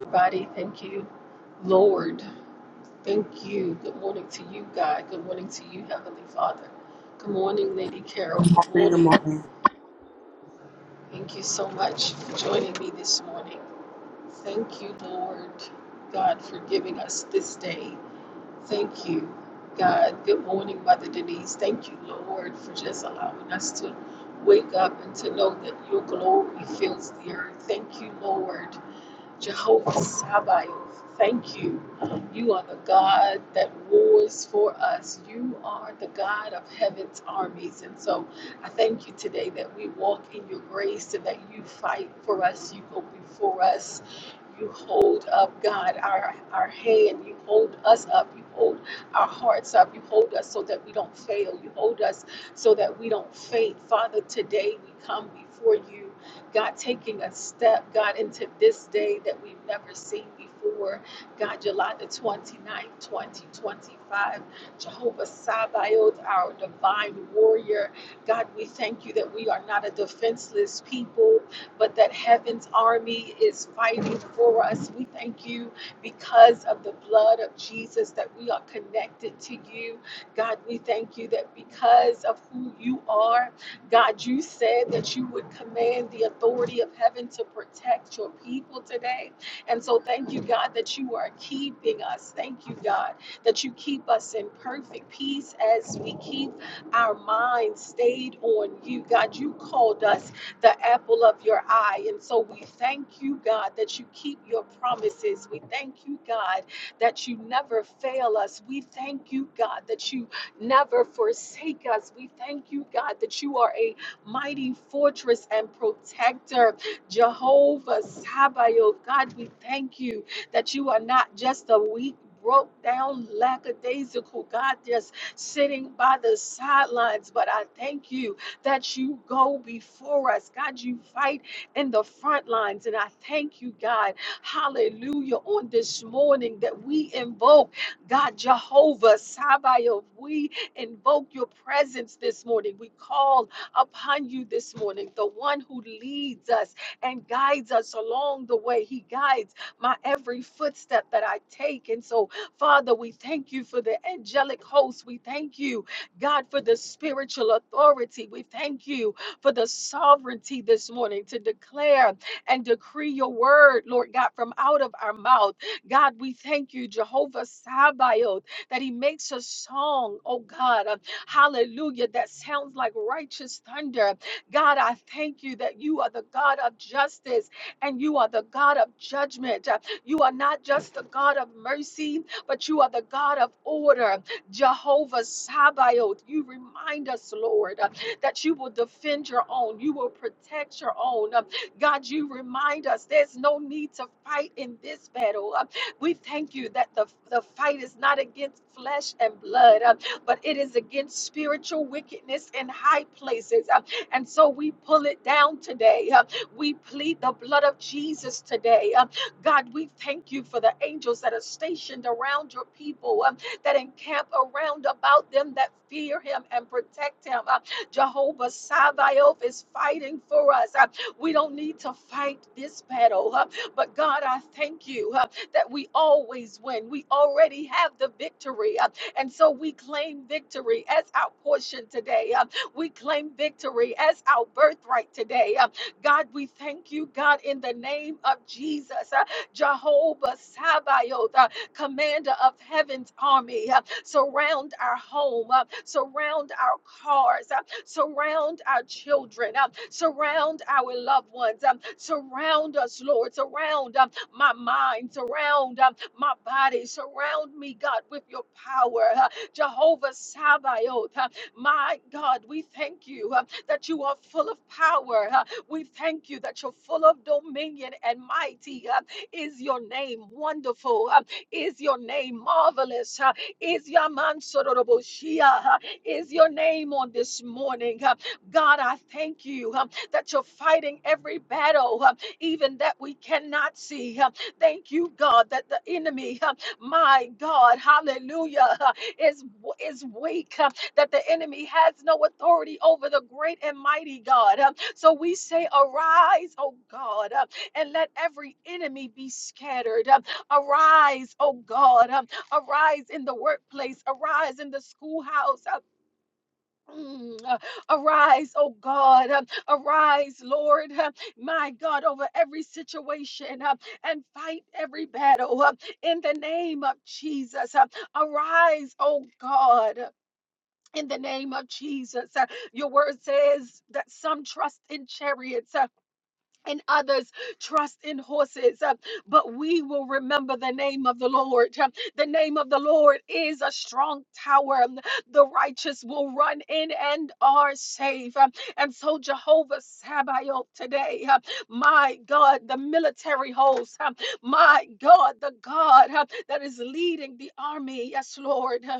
everybody. Thank you, Lord. Thank you. Good morning to you, God. Good morning to you, Heavenly Father. Good morning, Lady Carol. Good morning, good morning. morning. Thank you so much for joining me this morning. Thank you, Lord God, for giving us this day. Thank you, God. Good morning, Mother Denise. Thank you, Lord, for just allowing us to wake up and to know that your glory fills the earth. Thank you, Lord. Jehovah Sabaoth, thank you. You are the God that wars for us. You are the God of heaven's armies. And so I thank you today that we walk in your grace and that you fight for us. You go before us. You hold up, God, our, our hand. You hold us up. You hold our hearts up. You hold us so that we don't fail. You hold us so that we don't faint. Father, today we come before you. God taking a step, God, into this day that we've never seen before. God, July the twenty-ninth, twenty ninth, 2025, Jehovah Sabaoth, our divine warrior. God, we thank you that we are not a defenseless people, but that heaven's army is fighting for us. We thank you because of the blood of Jesus that we are connected to you. God, we thank you that because of who you are, God, you said that you would command the authority of heaven to protect your people today. And so, thank you, God, that you are keeping us. Thank you, God, that you keep us in perfect peace as we keep our minds stayed on you. God, you called us the apple of your eye. And so, we thank you, God, that you keep your promises. We thank you, God, that you never fail us. We thank you, God, that you never forsake us. We thank you, God, that you are a mighty fortress and protector. Jehovah Sabaoth, God, we thank you that you are not just a weak, broke down, lackadaisical God just sitting by the sidelines, but I thank you that you go before us. God, you fight in the front lines, and I thank you, God, hallelujah, on this morning that we invoke. God Jehovah Sabaoth, we invoke your presence this morning. We call upon you this morning, the one who leads us and guides us along the way. He guides my every footstep that I take. And so, Father, we thank you for the angelic host. We thank you, God, for the spiritual authority. We thank you for the sovereignty this morning to declare and decree your word, Lord God, from out of our mouth. God, we thank you, Jehovah Sabaoth, that He makes a song, oh God, uh, hallelujah, that sounds like righteous thunder. God, I thank you that you are the God of justice and you are the God of judgment. Uh, You are not just the God of mercy, but you are the God of order. Jehovah Sabaoth, you remind us, Lord, uh, that you will defend your own, you will protect your own. Uh, God, you remind us there's no need to fight in this battle. Uh, we thank you that the, the fight is not against flesh and blood, uh, but it is against spiritual wickedness in high places. uh, and so we pull it down today. uh, we plead the blood of Jesus today. uh, God, we thank you for the angels that are stationed around your people, um, that encamp around about them that fear him and protect him. Uh, Jehovah Sabaoth is fighting for us. Uh, we don't need to fight this battle. Uh, but God, I thank you uh, that we always win. We already have the victory. uh, and so we claim victory as our portion today. uh, we claim victory as our birthright today. uh, God, we thank you, God, in the name of Jesus, uh, Jehovah Sabaoth, uh, commander of heaven's army. uh, surround our home, uh, surround our cars, uh, surround our children, uh, surround our loved ones, um, surround us, Lord, surround um, my mind, surround um, my body, surround me, God, with your power. uh, Jehovah Sabaoth, uh, my God, we thank you uh, that you are full of power. uh, we thank you that you're full of dominion and mighty uh, is your name. Wonderful uh, is your name. Marvelous uh, is your man Sororoboshia? Is your name on this morning? Uh, God, I thank you um, that you're fighting every battle, um, even that we cannot see. Um, Thank you, God, that the enemy, um, my God, hallelujah, uh, is is weak. um, That the enemy has no authority over the great and mighty God. Um, So we say, arise, oh God, uh, and let every enemy be scattered. Um, Arise, oh God, um, Arise in the workplace, arise in the schoolhouse. Uh, mm, uh, Arise, oh God, uh, arise, Lord, uh, my God, over every situation uh, and fight every battle uh, in the name of Jesus. uh, Arise, oh God. uh, In the name of Jesus, Uh, your word says that some trust in chariots, uh, and others trust in horses, uh, but we will remember the name of the Lord. Um, The name of the Lord is a strong tower. Um, The righteous will run in and are safe. Um, And so, Jehovah Sabaoth today, uh, my God, the military host, um, my God, the God uh, that is leading the army, yes, Lord. uh,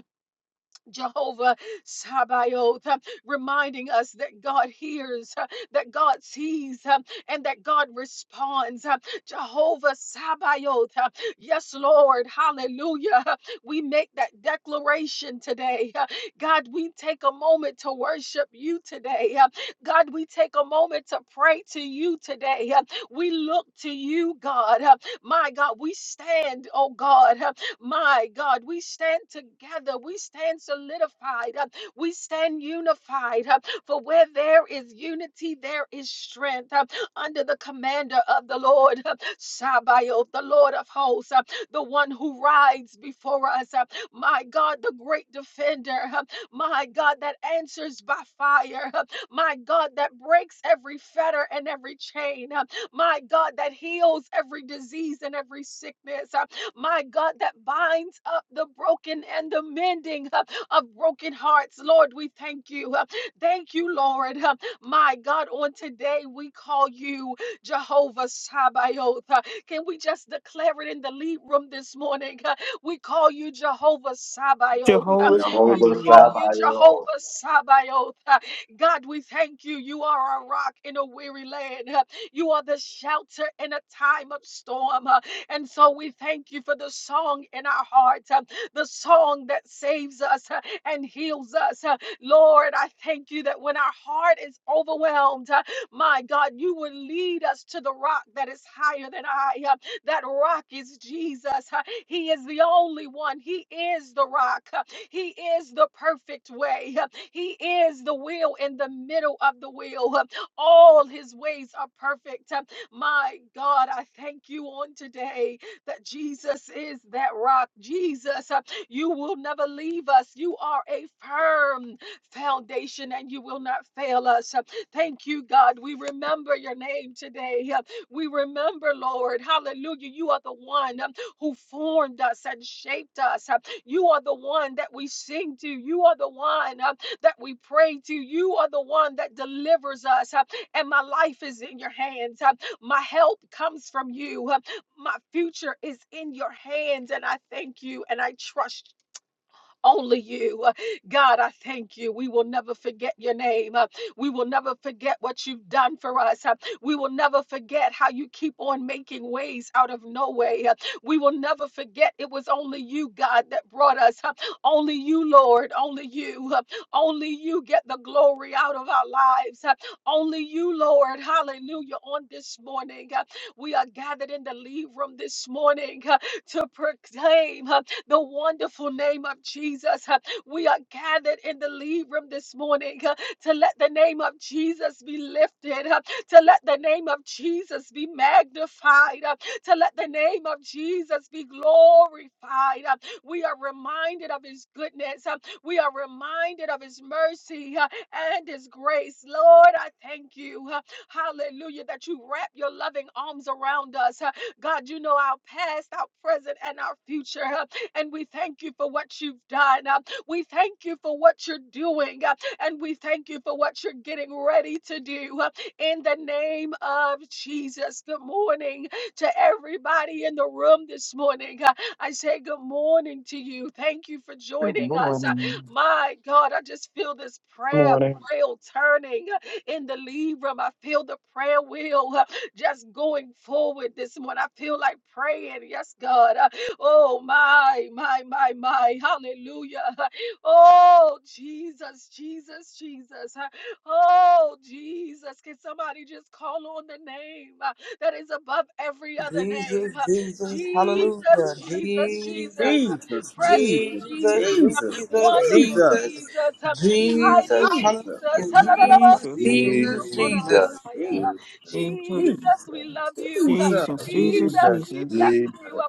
Jehovah Sabaoth, uh, reminding us that God hears, uh, that God sees, uh, and that God responds. uh, Jehovah Sabaoth, uh, yes, Lord, hallelujah. Uh, We make that declaration today. uh, God, we take a moment to worship you today. uh, God, we take a moment to pray to you today. uh, We look to you, God. Uh, my God, we stand, oh God. uh, My God, we stand together. We stand solidified. uh, We stand unified. uh, For where there is unity, there is strength. uh, Under the commander of the Lord, uh, Sabaoth, the Lord of hosts, uh, the one who rides before us. uh, My God, the great defender. uh, My God, that answers by fire. uh, My God, that breaks every fetter and every chain. uh, my God, that heals every disease and every sickness, uh, my God, that binds up the broken and the mending uh, of broken hearts. Lord, we thank you. uh, Thank you, Lord. uh, My God, on today we call you Jehovah Sabaoth. uh, Can we just declare it in the lead room this morning? uh, We call you Jehovah Sabaoth. uh, Jehovah We Zombie, Jehovah call yo. you Jehovah Sabaoth. Sabaoth. uh, God, we thank you. You are a rock in a weary land. Uh, you are the shelter in a time of storm. Uh, And so we thank you for the song in our hearts, uh, the song that saves us uh, and heals us. Uh, Lord, I thank you that when our heart is overwhelmed, uh, my God, you will lead us to the rock that is higher than I. Uh, That rock is Jesus. Uh, He is the only one. He is the rock. Uh, He is the perfect way. Uh, He is the wheel in the middle of the wheel. Uh, all his ways are perfect. Um, My God, I thank you on today that Jesus is that rock. Jesus, uh, you will never leave us. You are a firm foundation and you will not fail us. Uh, Thank you, God. We remember your name today. Uh, We remember, Lord. Hallelujah. You are the one um, who formed us and shaped us. Uh, You are the one that we sing to. You are the one um, that we pray to. You are the one that delivers us. Uh, and my life is in your hands. Uh, My help comes from you. Uh, My future is in your hands, and I thank you and I trust only you. Uh, God, I thank you. We will never forget your name. Uh, We will never forget what you've done for us. Uh, We will never forget how you keep on making ways out of no way. Uh, We will never forget it was only you, God, that brought us. Uh, Only you, Lord. Only you. Uh, Only you get the glory out of our lives. Uh, Only you, Lord. Hallelujah. On this morning, uh, we are gathered in the leave room this morning to proclaim uh, the wonderful name of Jesus. Uh, We are gathered in the leave room this morning uh, to let the name of Jesus be lifted, uh, to let the name of Jesus be magnified, uh, to let the name of Jesus be glorified. uh, We are reminded of his goodness. uh, We are reminded of his mercy uh, and his grace. Lord, I thank you. uh, Hallelujah, that you wrap your loving arms around us. huh, God, you know our past, our present, and our future. huh? And we thank you for what you've done. uh, We thank you for what you're doing. uh, And we thank you for what you're getting ready to do. uh, In the name of Jesus. Good morning to everybody in the room this morning. Uh, I say good morning to you. Thank you for Good joining us. Uh, morning. My God, I just feel this prayer morning. wheel turning uh, in the lead room. I feel the prayer wheel. uh, just going forward this morning. I feel like praying. Yes, God. Uh, Oh, my, my, my, my. Hallelujah. Oh, Jesus, Jesus, Jesus. Uh, Oh, Jesus. Can somebody just call on the name uh, that is above every other name? Jesus, Uh, Jesus, Jesus, hallelujah. Jesus, Jesus. Jesus, Uh, Jesus, Precious Jesus, Jesus. Jesus, Jesus, Jesus, Wonderful Jesus, Jesus, Jesus, Um, mighty Jesus, hallelujah. Jesus. Jesus, Jesus, Jesus, Jesus, Jesus, Jesus, Jesus, Jesus, Jesus, Jesus, Jesus, Jesus, Jesus, we love you. Jesus, Jesus, Jesus, Jesus, Jesus, we bless Jesus, you. Jesus,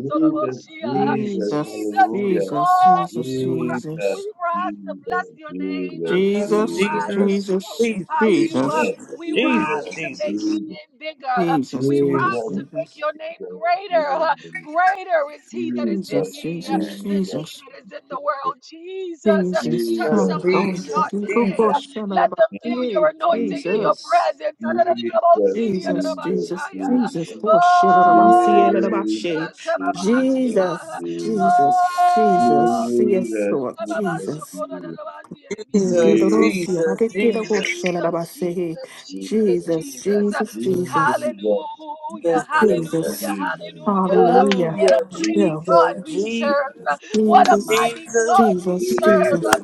Jesus, Jesus, Jesus, Jesus, Jesus, we Jesus, hallelujah. call you. Jesus, Jesus, We rise to Jesus, bless your name. Jesus, Jesus, We Jesus, Jesus, Jesus, Jesus, rise to Jesus, Jesus, Jesus, glorify Jesus, you. Jesus, Jesus, We Jesus, Jesus, Jesus, rise to make your Jesus. Jesus, name bigger. Jesus, We rise to make Jesus, your name greater. Jesus, Greater is he that is Jesus, in Jesus, me Jesus, than he Jesus. that is in the world. Jesus, uh, Jesus, touch Son, Jesus, Jesus, Jesus, Holy, somebody's Jesus, heart Fucking, Good today. Jesus, Jesus, Uh, Jesus. Boss, Shabbat, Let Jesus, Jesus, Jesus, Jesus, Jesus, Jesus, Jesus, Jesus. Jesus, Jesus, Jesus, Jesus, them feel your anointing and your Jesus, presence. Jesus, Jesus, Jesus. Oh, Oh, shilabasielabashe. Jesus. Jesus, Jesus, Oh, Jesus. Yes, Lord, Jesus. Jesus. Jesus, Jesus, Jesus, Ididodosia-badikidogoshelabase. Jesus, Jesus, Jesus, Jesus. Uh, Jesus, Jesus, Hallelujah, yes, Jesus. Jesus. hallelujah, Jesus, hallelujah. Hallelujah. What a Hallelujah, Yeah, we God Jesus, we worship you. Jesus, serve. Jesus, What a Jesus, Jesus, mighty Jesus, God we Jesus, serve. Jesus.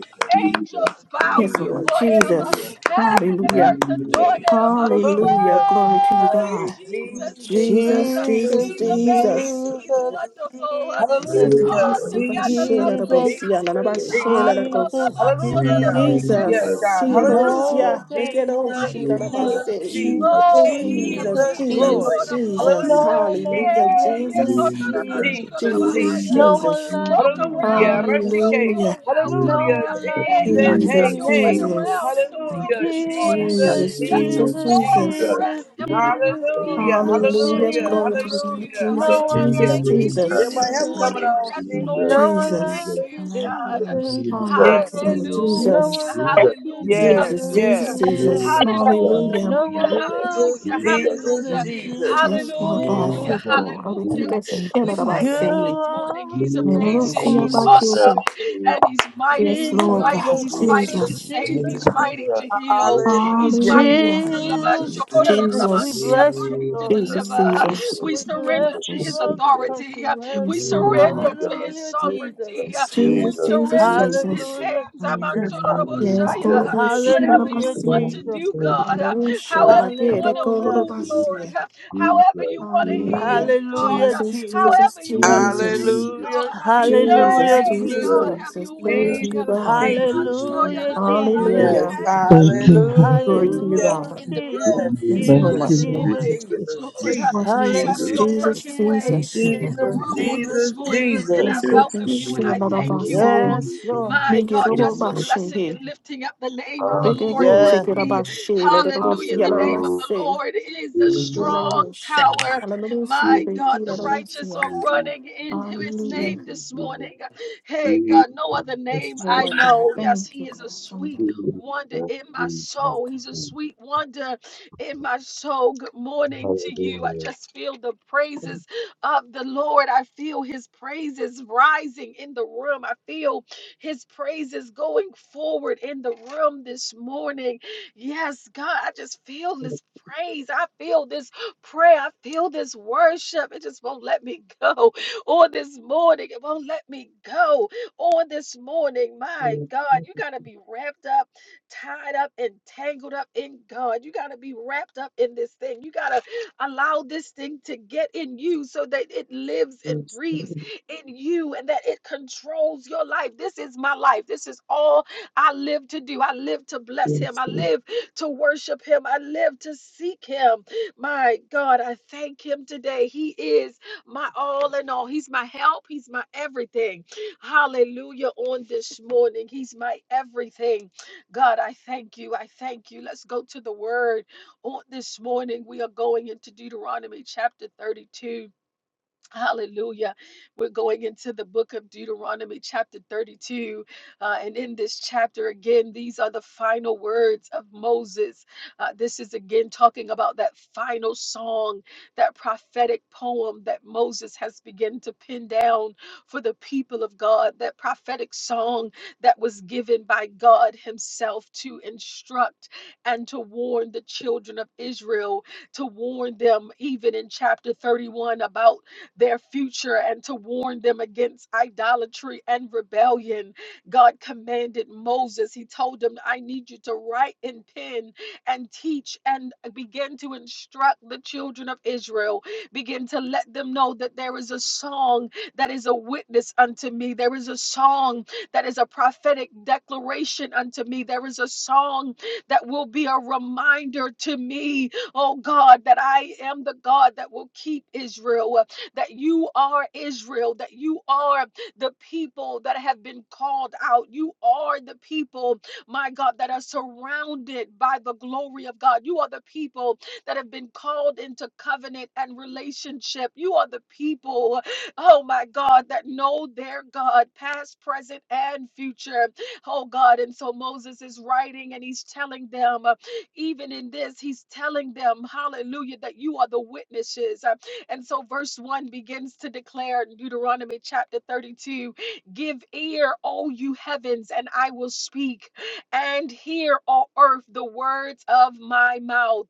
Angels bow Yes, Jesus, Lord, before him. Jesus. Jesus, Heaven and Jesus, Hallelujah. earth adore him. Jesus. Hallelujah. Hallelujah. Glory to you, Oh, he's God. Hey, Jesus, Jesus, Jesus, Jesus. Jesus, Jesus, Jesus, He's Jesus, Jesus. amazing. He's Jesus, Jesus. wonderful. Jesus, He's Hallelujah. altogether Jesus, lovely. Jesus, He's Jesus, Jesus. awesome. Jesus. Jesus, Hallelujah. Jesus, Jesus, Yes, God. Hallelujah. no Sirosia, better Bekero, name Jesus, Mighty than the ruler. name Jesus, of Shilarabase. Jesus. Jesus, Oh, King of Jesus, Jesus, Jesus, kings and Jesus, glory. Lord Jesus, of lords. Hallelujah. Jesus, no no hallelujah, better than Jesus, Jesus, Jesus, Jesus, Jesus, no Jesus. one Jesus, like Walk you, around Hallelujah. in the Rashi Jesus, room K. for a hallelujah, while, no Hallelujah. God. one like Hey, you, Jesus. God, throw Jesus, Hey, Hallelujah. your weight K. Jesus. around in Jesus, the room Thank you, Hallelujah. this morning. Jesus, Jesus. Jesus, Jesus, Let your Jesus, Jesus, Jesus, Yes, God. glory Jesus. Jesus, Jesus, rest upon Jesus, this leave Hallelujah. Hallelujah. room Jesus, this Mercy hallelujah, morning. to the Hallelujah. We Jesus, glory to thank you, you Hallelujah. Jesus, no and one we Jesus, Hallelujah. like you, praise Yes, to you Yeah, my Jesus, take this help Jesus. care of coming morning. on. mercy. Yes, Lord, No one we thank like Jesus, you, you, Jesus, Hallelujah. Jesus. God. Jesus. Mercy, oh take Yes, yes, care of Lord, No mercy. Hallelujah, Jesus. one like you, hallelujah, Amen. yes, Jesus, Mercy, Jesus, hallelujah, Jesus, take yes. care Jesus. of Jesus. mercy. Hallelujah. No hallelujah, one like Jesus, hallelujah, you, Jesus, Jesus, Thank you, hallelujah, Jesus. Lord. Jesus, Yes, Jesus, Jesus, Jesus, Jesus, Jesus, Lord Thank you, God, hallelujah, Jesus. yes, Lord. God. Oh, the hallelujah. that Thank you, shit We out of our You thank Father. him sea. this morning. are He's the Never Thank will great you, amazing, see he's one, about awesome, Jesus. giving. and he's mighty. Yes, He's Lord Jesus, Glory mighty, God, Jesus, he's belongs mighty Jesus, to to Jesus, Jesus. you, Jesus, dear save, God. he's Jesus. mighty Jesus. to heal, he's Hallelujah. mighty Hallelujah. to Lord, Jesus, thank you, Jesus, we Jesus. mighty Jesus, bless you, to Lord. Jesus, deliver. Beautiful Jesus. We We city, bless surrender beautiful to you, his Lord, city. because authority. you're We Yes, worthy. Lord surrender God. to his Hallelujah, Jesus. sovereignty. Yes, Lord. We Jesus, Jesus, surrender to his Jesus. Hallelujah, hands. Jesus. Hallelujah. Yes, go Hallelujah. Amansorobosaya. ahead, shit out Whatever of my you Hallelujah, want sea. to Jesus. do, God, Never uh, will shop, I however you did. want Let to go, little Hallelujah. move, my Lord, sea. uh, however you want to Hallelujah. heal, God, Hallelujah, uh, Jesus, Jesus. Jesus, however you want to Jesus. save, God. Hallelujah. Jesus, uh, Jesus, Jesus, Jesus, Hallelujah, Hey, Jesus, Jesus, God, Jesus, Jesus. have Jesus. your Jesus, Glory to way. you, uh, Jesus, God. Jesus, Jesus, Jesus, Jesus, Jesus, Jesus, Jesus, Jesus. Limansoya Hallelujah, ladabahaya, Jesus. Yes, Hallelujah. Have Thank your you, way Lord. Glory to you, hallelujah. Hallelujah, God. in the Yes, room Jesus, Yes, Thank on Jesus, Lord. this Jesus, you, Lord. Jesus. morning. Yes, Jesus, Lord, ha- Lord Jesus, Jesus, have Jesus, Jesus. your Jesus, Hallelujah, Jesus, perfect Jesus, way Thank Jesus. you, in Lord. the Jesus, Jesus, room on Jesus, this Jesus, morning. Jesus, Again, I Let's Jesus. Jesus. go and welcome you and share I that Jesus. about thank us you Worthy to here. all, be Yes, Jesus. Lord. my praised. Me get God, over just my for blessing shame. and lifting up the name of the Worthy Big and to Lord go be with Yeah. take it Hallelujah, me. about shame. praised. Let it all Hallelujah. see. The Let name it of hallelujah, the say. Lord is a Worthy Let Jesus, it to strong all shout. be tower. Hallelujah. See it. My Jesus, Big God, key. Jesus, the Let it all see. righteous are Jesus, running into his Hallelujah. name this Jesus, morning. Jesus, Hey, Jesus, Jesus. God, no other Yes, name I Lord God. know. Yes, Thank you, he is a God. sweet Father. wonder in my soul. He's a sweet wonder in my soul. Good morning to you. I Hallelujah. just feel the praises of the Lord. I feel his praises rising in the room. I feel his praises going forward in the room this morning. Yes, God, I just feel this praise. I feel this prayer. I feel this worship. It just won't let me go on this morning. It won't let me go on this morning. My God, you got to be wrapped up tied up and tangled up in God. You got to be wrapped up in this thing. You got to allow this thing to get in you so that it lives and breathes in you and that it controls your life. This is my life. This is all I live to do. I live to bless Him. I live to worship Him. I live to seek Him. My God, I thank Him today. He is my all in all. He's my help. He's my everything. Hallelujah. On this morning, He's my everything. God, I thank you. I thank you. Let's go to the word on this morning. We are going into Deuteronomy chapter 32. Hallelujah. We're going into the book of Deuteronomy, chapter 32. uh, and in this chapter, again, these are the final words of Moses. Uh, this is again talking about that final song, that prophetic poem that Moses has begun to pin down for the people of God, that prophetic song that was given by God Himself to instruct and to warn the children of Israel, to warn them, even in chapter 31, about their future and to warn them against idolatry and rebellion. God commanded Moses, He told him, I need you to write in pen and teach and begin to instruct the children of Israel. Begin to let them know that there is a song that is a witness unto me. There is a song that is a prophetic declaration unto me. There is a song that will be a reminder to me, oh God, that I am the God that will keep Israel that you are Israel, that you are the people that have been called out. You are the people, my God, that are surrounded by the glory of God. You are the people that have been called into covenant and relationship. You are the people, oh my God, that know their God, past, present, and future. Oh God. And so Moses is writing and he's telling them, uh, even in this, he's telling them, hallelujah, that you are the witnesses. And so verse 1 begins to declare in Deuteronomy chapter 32 Give ear, O you heavens, and I will speak, and hear, O earth, the words of my mouth.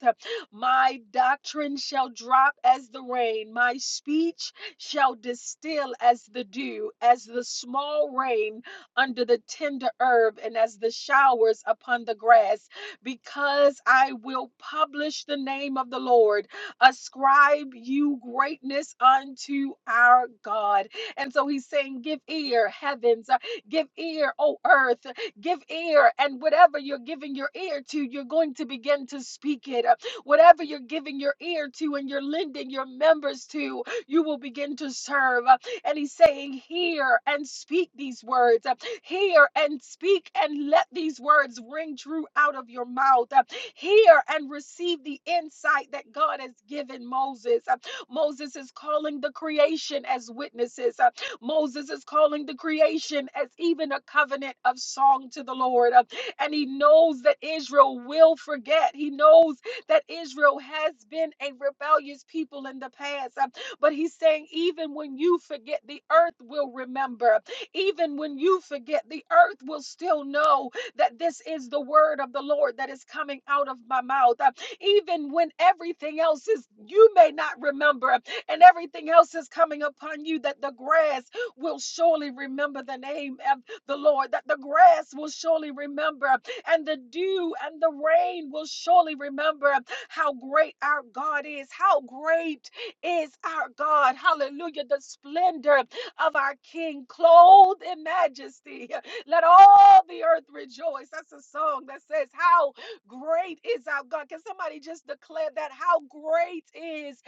My doctrine shall drop as the rain, my speech shall distill as the dew, as the small rain under the tender herb, and as the showers upon the grass, because I will publish the name of the Lord ascribe you greatness unto our God. And so he's saying, Give ear, heavens, uh, give ear, oh earth, give ear. And whatever you're giving your ear to, you're going to begin to speak it. Uh, Whatever you're giving your ear to and you're lending your members to, you will begin to serve. Uh, And he's saying, Hear and speak these words. Uh, Hear and speak and let these words ring true out of your mouth. Uh, Hear and receive the insight that God has given Moses. Uh, Moses is calling the creation as witnesses. Uh, Moses is calling the creation as even a covenant of song to the Lord. Uh, And he knows that Israel will forget. He knows that Israel has been a rebellious people in the past. Um, but he's saying, even when you forget, the earth will remember. Even when you forget, the earth will still know that this is the word of the Lord that is coming out of my mouth. Uh, Even when everything else is, you may not remember, and everything else is coming upon you, that the grass will surely remember the name of the Lord, that the grass will surely remember, and the dew and the rain will surely remember how great our God is, how great is our God. Hallelujah. The splendor of our King, clothed in majesty. Let all the earth rejoice. That's a song that says, How great is our God. Can somebody just declare that? How great is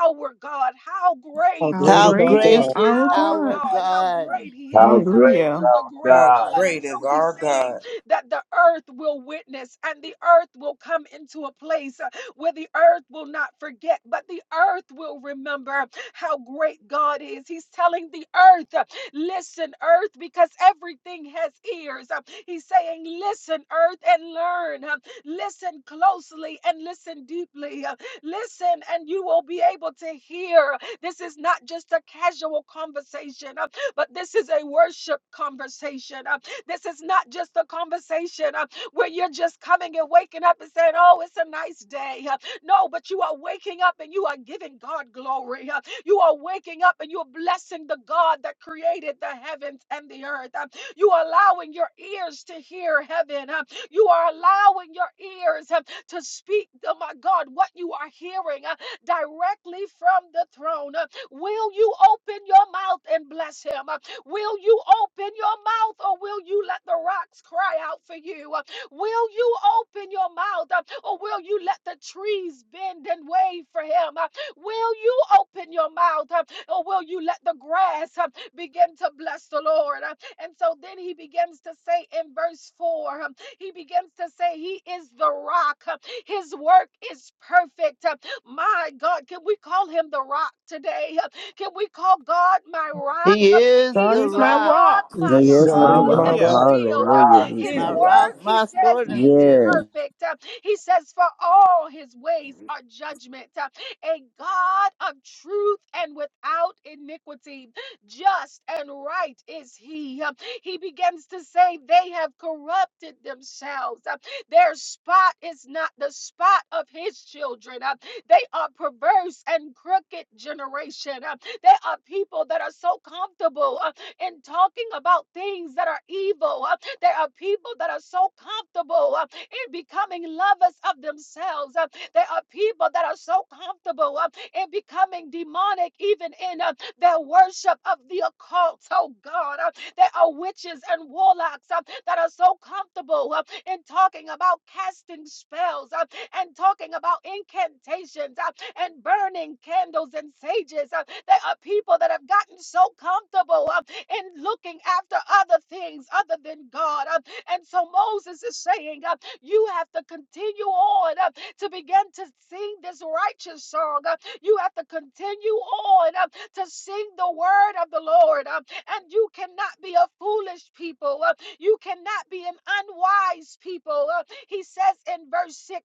our God? How How great How great How is our great is great is God? is our our our God. God? How God? great He How is. great is Hallelujah. He's a our great How God! God. And great so is He's our saying God. that the earth will witness and the earth will come into a place where the earth will not forget, but the earth will remember how great God is. He's telling the earth, uh, listen, earth, because everything has ears. Uh, He's saying, listen, earth, and learn. Uh, Listen closely and listen deeply. Uh, Listen, and you will be able to hear. This is not just a casual conversation, uh, but this is a worship conversation. Uh, this is not just a conversation uh, where you're just coming and waking up and saying, Oh, it's a nice day. Uh, No, but you are waking up and you are giving God glory. Uh, You are waking up and you're blessing the God that created the heavens and the earth. Uh, You are allowing your ears to hear heaven. Uh, You are allowing your ears uh, to speak, oh my God, what you are hearing uh, directly from the throne. Uh, Will you open your mouth and bless him? Uh, Will you open your mouth or will you let the rocks cry out for you? Uh, Will you open your mouth uh, or will you let the trees bend and wave for him? Uh, Will you open your mouth uh, or will you let the grass uh, begin to bless the Lord? Uh, And so then he begins to say in verse 4, um, he begins to say, He is the rock. Uh, His work is perfect. Uh, My God, can we call him the rock today? Uh, Can we call God my rock? He is God He's the is my my rock, rock, rock. my He is God my is sword, my He rock. and Hallelujah is rock. the shield. Uh, rock. Hallelujah. He's His my my Jesus. rock, work, rock. he my says, sword and is shield. Yeah. perfect. Uh, He says, for all his ways are judgment. Uh, A God of truth and without iniquity, just and right is he. Uh, He begins to say, they have corrupted themselves. Uh, their spot is not the spot of his children. Uh, They are perverse and crooked generation. Uh, They are people that are so comfortable uh, in talking about things that are evil. Uh, There are people that are so comfortable uh, in becoming lovers of themselves. Uh, There are people that are so comfortable uh, in becoming demonic prophetic, even in uh, their worship of the occult. Oh God, uh, there are witches and warlocks uh, that are so comfortable uh, in talking about casting spells uh, and talking about incantations uh, and burning candles and sages. uh, there are people that have gotten so comfortable uh, in looking after other things other than God. uh, and so Moses is saying, uh, You have to continue on uh, to begin to sing this righteous song. uh, you have to continue on uh, to sing the word of the Lord. uh, and you cannot be a foolish people. uh, you cannot be an unwise people. uh, he says in verse 6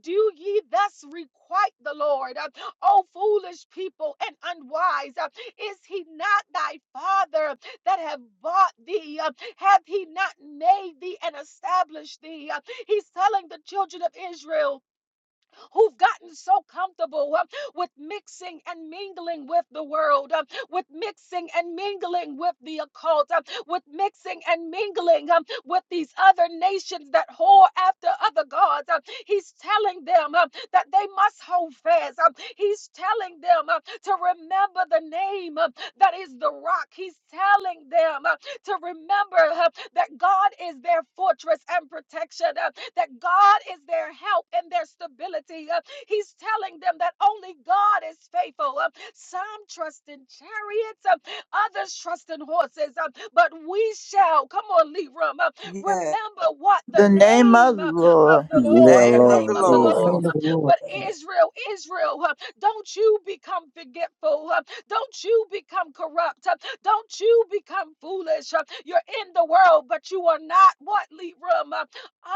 Do ye thus requite the Lord, uh, O foolish people and unwise? uh, is he not thy father? that have bought thee? Uh, Hath he not made thee and established thee? Uh, He's telling the children of Israel who've gotten so comfortable. uh, with mixing and mingling with the world, um, with mixing and mingling with the occult, um, with mixing and mingling um, with these other nations that whore after other gods. um, He's telling them um, that they must hold fast. um, He's telling them um, to remember the name um, that is the rock. He's telling them um, to remember uh, that God is their fortress and protection, uh, that God is their help and their stability, uh, He's telling them that only God is faithful. Um, Some trust in chariots, um, others trust in horses, um, but we shall, come on, Leram, uh, Yes, remember what the The name of name the uh, of Lord the Lord, Dear the name name of the name of Lord the of the In Lord Lord. the Lord. Name Jesus. of uh, the Lord, But Israel, Israel, uh, don't you become forgetful. uh, Don't you become corrupt. uh, Don't you become foolish. uh, You're in the world, but you are not what, Leram, uh,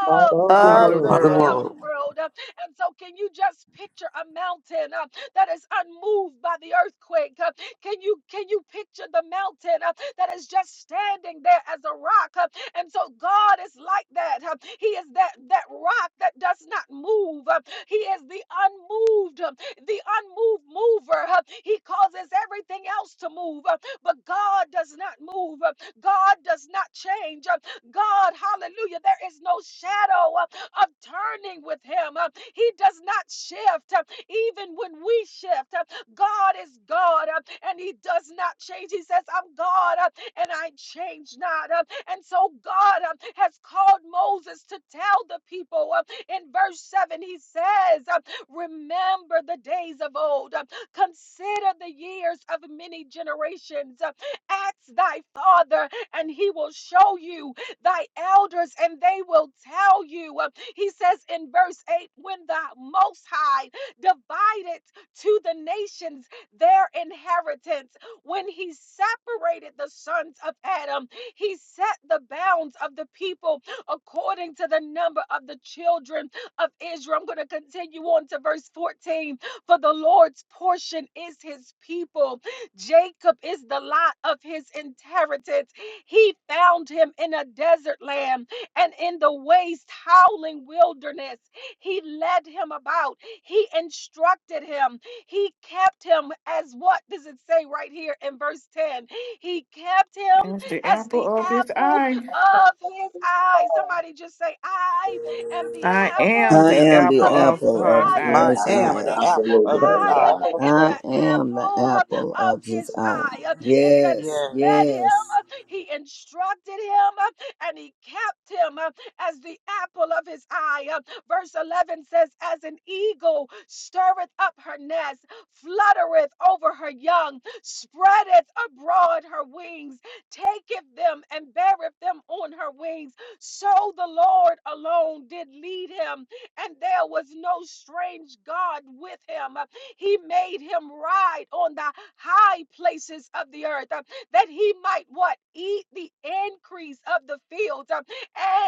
not of of the the of of the world. world. the of You're the world. not world of the world. world. uh, and so, can you just picture a mountain uh, that is unmoved by the earthquake? Uh, can you can you picture the mountain uh, that is just standing there as a rock? Uh, and so, God is like that. Uh, he is that that rock that does not move. Uh, he is the unmoved, uh, the unmoved mover. Uh, he causes everything else to move. Uh, but God does not move. God does not change. God, hallelujah, there is no shadow uh, of turning with him. Uh, He does not shift, uh, even when we shift. Uh, God is God uh, and he does not change. He says, I'm God uh, and I change not. Uh, And so God uh, has called Moses to tell the people uh, in verse 7, he says, uh, Remember the days of old. Uh, Consider the years of many generations. Ask thy father, and he will show you thy elders, and they will tell you. He says in verse 8 When the Most High divided to the nations their inheritance, when he separated the sons of Adam, he set the bounds of the people according to the number of the children of Israel. I'm going to continue on to verse 14 for the Lord's portion is his people. Jacob is the lot of his inheritance. He found him in a desert land and in the waste, howling wilderness. He led him about, he instructed him, he kept him as what does it say right here in verse 10? He kept him as the as the apple of his apple eye. of his eye. Somebody just say, I am the I apple am I the am the apple of of his apple God's of eye on eye. I his I this am am the eye. morning. apple thankful of his Just to the I eye. am apple God. of his the I am the apple uh, apple of of his his eye. eye. Uh, It says he Yes. led Yes. him, Yes. uh, he instructed him, uh, and he kept him uh, as the apple of his eye. Uh, Verse 11 says, As an eagle stirreth up her nest, fluttereth over her young, spreadeth abroad her wings, taketh them and beareth them on her wings. So the Lord alone did lead him and there was no strange God with him. Uh, He made him ride on the high places of the earth uh, that he might what? Eat the increase of the field. uh,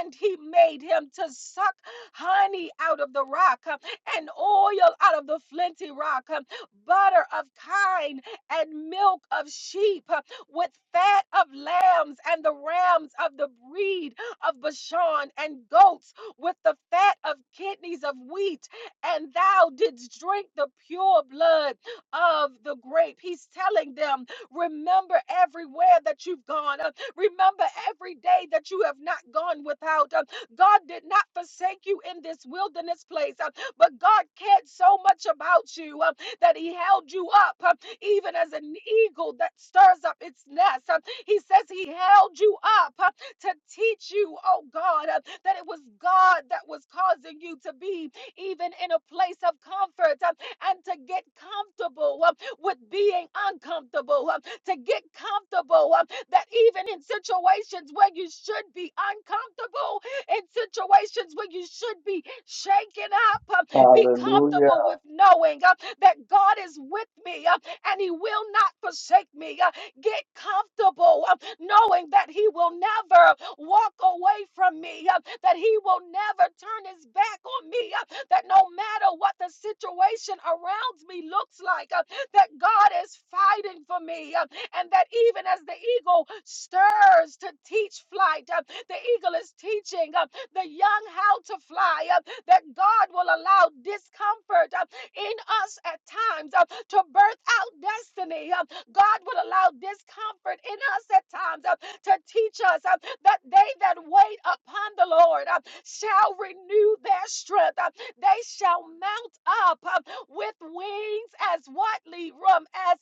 And he made him to suck honey out of the rock uh, and oil out of the flinty rock, uh, butter of kine and milk of sheep uh, with fat of lambs and the rams of the breed of Bashan and goats with the fat of kidneys of wheat, and thou didst drink the pure blood of the grape. He's telling them, remember everywhere that you've gone. Uh, Remember every day that you have not gone without. Uh, God did not forsake you in this wilderness place. uh, but God cared so much about you uh, that He held you up, uh, even as an eagle that stirs up its nest. uh, he says He held you up uh, to teach you, oh God, uh, that it was God that was causing you to be even in a place of comfort uh, and to get comfortable uh, with being uncomfortable, uh, to get comfortable uh, that even in situations where you should be uncomfortable, in situations where you should be shaken up. Um, Be Hallelujah. comfortable with knowing uh, that God is with me uh, and He will not forsake me. Uh, Get comfortable uh, knowing that He will never walk away from me, uh, that He will never turn His back on me, uh, that no matter what the situation around me looks like, uh, that God is fighting for me. uh, and that even as the eagle stirs to teach flight, uh, the eagle is teaching uh, the young how to fly, uh, that God will allow discomfort uh, in us at times uh, to birth out destiny. uh, God will allow discomfort in us at times uh, to teach us uh, that they that wait upon the Lord uh, shall renew their strength. uh, They shall mount up uh, with wings as what, Leram? As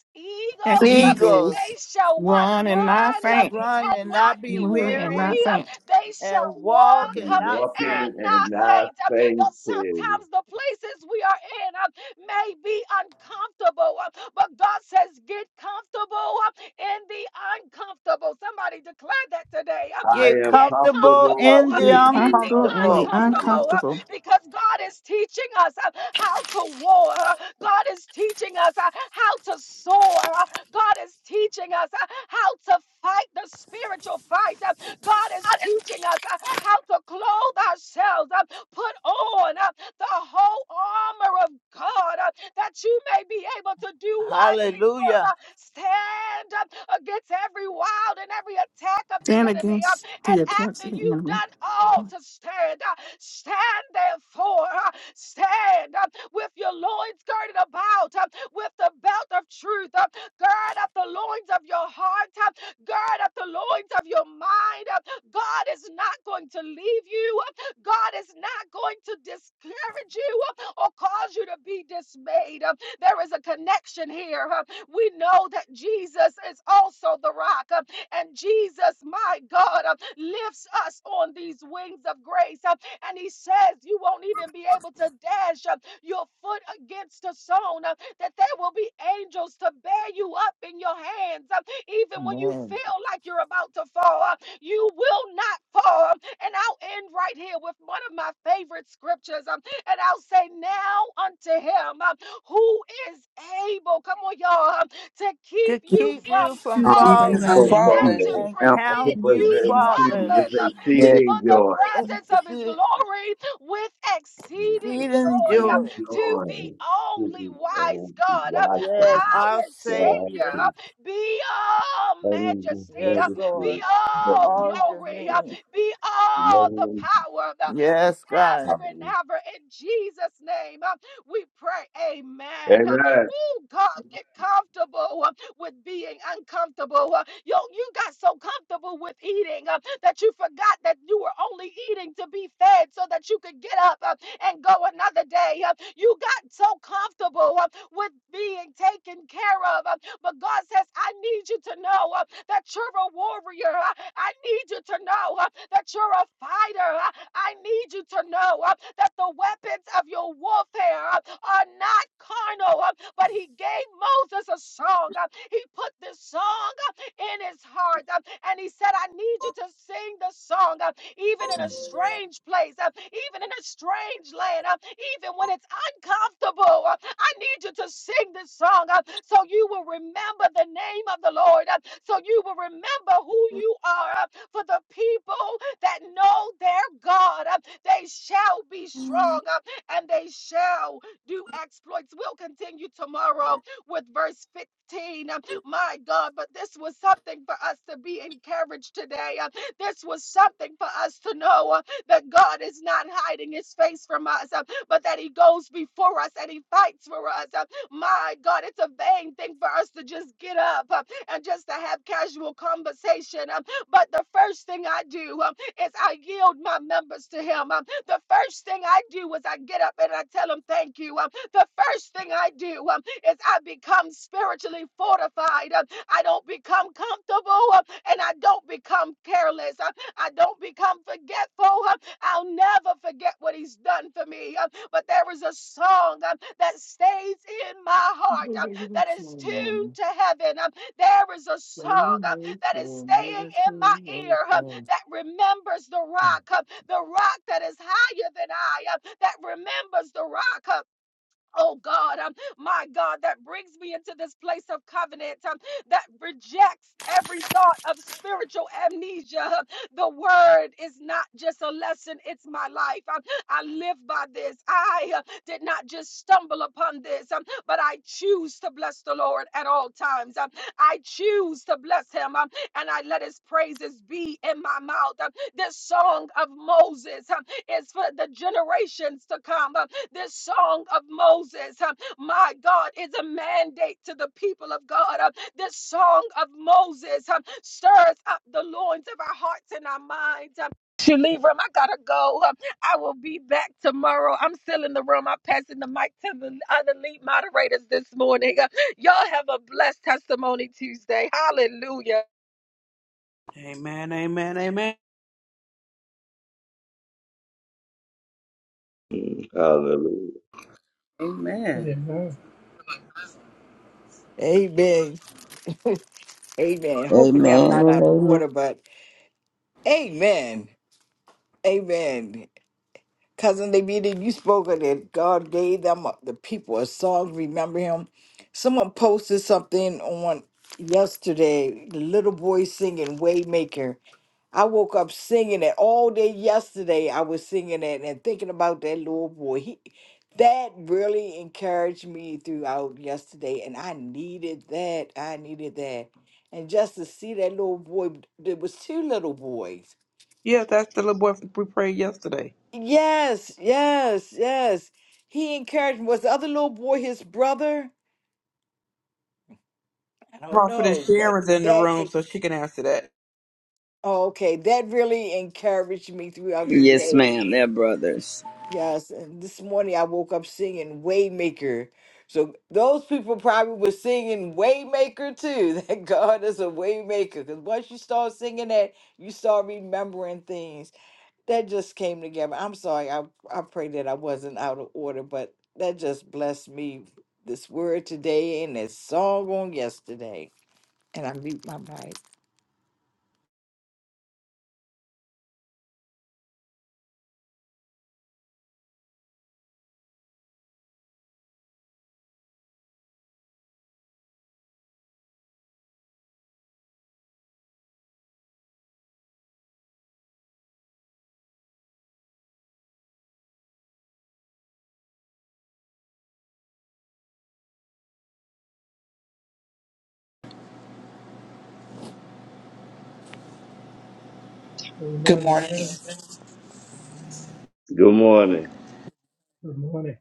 As eagles. uh, eagles. they eagles shall what? run and not Run uh, faint, Run and and not not be be we're and weary, weary. not uh, faint. They shall and walk walk Be uh, and not and faint. walking not in that faint. Uh, faith. Though sometimes the places we are in uh, may be uncomfortable, uh, but God says, get comfortable uh, in the uncomfortable. Somebody declare that today. uh, I Get am Get comfortable comfortable comfortable in uh, the in Be in the comfortable the in the uncomfortable. uncomfortable uncomfortable. uh, uncomfortable. because God is teaching us uh, how to war. uh, God is teaching us uh, how to soar. uh, God is teaching us uh, how to fight the spiritual fight. Uh, God is teaching us uh, how to clothe ourselves, uh, put on uh, the whole armor of God uh, that you may be able to do what? Libram? Hallelujah. Uh, Stand up against every wild and every attack of the Stand enemy. Uh, against and the attacks after of you've the done all to stand, uh, stand therefore, uh, stand uh, with your loins girded about, uh, with the belt of truth, uh, gird up the loins of your heart, uh, gird up the loins of your mind. uh, God is not going to leave you, uh, God is not going to discourage you uh, or cause you to be dismayed. uh, There is a connection here. uh, We know that Jesus is also the rock. uh, and Jesus, my God, uh, lifts us on these wings of grace. uh, And he says, You won't even be able to dash uh, your foot against a stone, uh, that there will be angels to bear you up in your hands. uh, Even when you Lord. feel like you're about to fall, uh, you will not fall. And I'll end right here with one of my favorite scriptures. um, And I'll say, Now unto him um, who is able, come on, y'all, um, to keep To you keep you from from It's Keep you falling. uh, from falling so enemy. and Mm. falling. to falling. and Yeah. I count can present you you present you faultless. with faultless uh, Yes. exceeding before the joy. presence of his See, glory with see exceeding it and joy Exceeding uh, joy. to joy. the This only is wise all the God, uh, wise Yes, time. our our God Savior. Savior. uh, is Be all only majesty, Yes, uh, be Lord. majesty. God all All is to glory, uh, me. be all the power uh, Yes, God. forever and ever. In Jesus' name, uh, we pray, Amen. Amen. Oh, God, get comfortable. uh, with being uncomfortable. Uh, you, you got so comfortable with eating uh, that you forgot that you were only eating to be fed so that you could get up uh, and go another day. Uh, you got so comfortable uh, with being taken care of. uh, but God says, I need you to know uh, that you're a warrior. uh, I need you to know uh, that you're a fighter. uh, I need you to know uh, that the weapons of your warfare uh, are not carnal. uh, But he gave Moses a song. uh, He put this song uh, in his heart. uh, And he said, I need you to sing the song, uh, even in Amen. a strange place, uh, even in a strange land, uh, even when it's uncomfortable. uh, I need you to sing this song uh, so you will remember the name of the Lord, uh, so you will remember who you are. uh, For the people that know their God, uh, they shall be strong. uh, and they shall do exploits. We'll continue tomorrow with verse 15. Um, My God, but this was something for us to be encouraged today. Uh, This was something for us to know uh, that God is not hiding his face from us, uh, but that he goes before us and he fights for us. Uh, My God, it's a vain thing for us to just get up uh, and just to have casual conversation. Um, But the first thing I do um, is I yield my members to him. Um, the first thing I do is I get up and I tell him thank you. Um, the first thing I do um, is I become spiritually fortified. Um, I don't become comfortable um, and I don't become careless. Um, I don't become forgetful. Um, I'll never forget what he's done for me. Um, but there is a song um, that stays in my heart um, that is tuned to heaven. Um, there is a song um, that is staying in my ear um, that remembers the rock. Um, the rock that is higher than I, uh, that remembers the rock. uh, Oh God, um, my God, that brings me into this place of covenant um, that rejects every thought of spiritual amnesia. The word is not just a lesson, it's my life. Um, I live by this. I uh, did not just stumble upon this, um, but I choose to bless the Lord at all times. Um, I choose to bless him, um, and I let his praises be in my mouth. This song of Moses um, is for the generations to come. um, This song of Moses, um, my God, is a mandate to the people of God. um, This song of Moses um, stirs up the loins of our hearts and our minds. um, you leave room. I gotta go. Um, I will be back tomorrow. I'm still in the room. I'm passing the mic to the other lead moderators this morning. Uh, Y'all have a blessed testimony Tuesday. Hallelujah. Amen. Hallelujah. Amen. eye. Amen. Amen. Hopefully, Amen I'm not and out of amen. order, but amen. Amen. Cousin Levita, you spoke of that God gave them the people a song. Remember him? Someone posted something on yesterday. The little boy singing Waymaker. I woke up singing it all day yesterday. I was singing it and thinking about that little boy. He, that really encouraged me throughout yesterday, and I needed that. I needed that. And just to see that little boy, there was two little boys. Yeah, that's the little boy we prayed yesterday. Yes, yes, yes. He encouraged me. Was the other little boy his brother? I don't know, Prophetess but Sharon's in the that, room, en- so she can answer that. oh, okay, that really encouraged me throughout the Yes, day. ma'am. They're brothers. Yes, and this morning I woke up singing Waymaker. So those people probably were singing Waymaker too, that God is a Waymaker. Because once you start singing that, you start remembering things. That just came together. I'm sorry, I, I pray that I wasn't out of order, but that just blessed me, this word today and this song on yesterday. And I mute my mic. Good Amen. morning. Amen. Good morning. Good morning.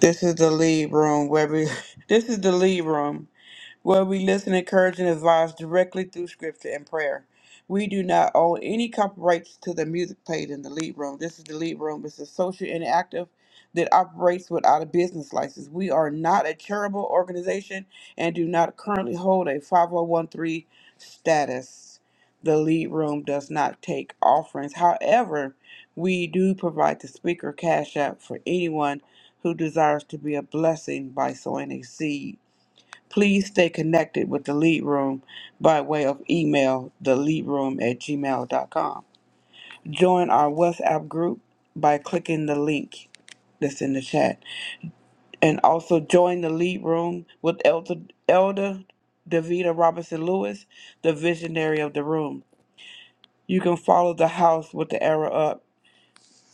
This is the lead room where we, this is the lead room. where we listen, encourage, and advise directly through scripture and prayer. We do not own any copyrights to the music played in the lead room. This is the lead room. It's a social interactive that operates without a business license. We are not a charitable organization and do not currently hold a 5013 status. The lead room does not take offerings. However, we do provide the speaker cash app for anyone who desires to be a blessing by sowing a seed. Please stay connected with the Lead Room by way of email, theleadroom at gmail.com. Join our WhatsApp group by clicking the link that's in the chat. And also join the Lead Room with Elder, Elder Davita Robinson Lewis, the visionary of the room. You can follow the house with the arrow up.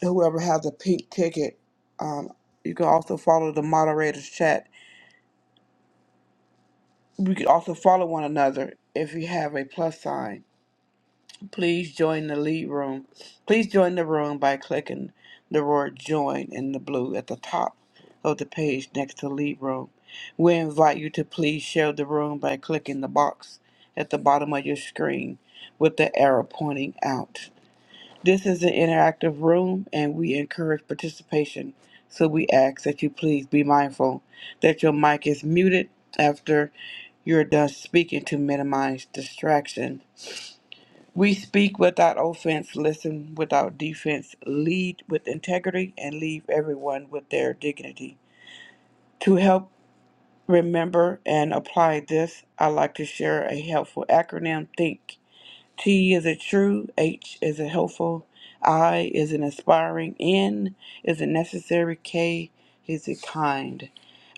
Whoever has a pink ticket, um, you can also follow the moderator's chat. We can also follow one another if you have a plus sign. Please join the lead room. Please join the room by clicking the word join in the blue at the top of the page next to lead room. We invite you to please share the room by clicking the box at the bottom of your screen with the arrow pointing out. This is an interactive room and we encourage participation, so we ask that you please be mindful that your mic is muted after you're done speaking to minimize distraction. We speak without offense, listen without defense, lead with integrity, and leave everyone with their dignity. To help remember and apply this, I like to share a helpful acronym THINK. T is a true, H is a helpful, I is an inspiring, N is a necessary, K is a kind.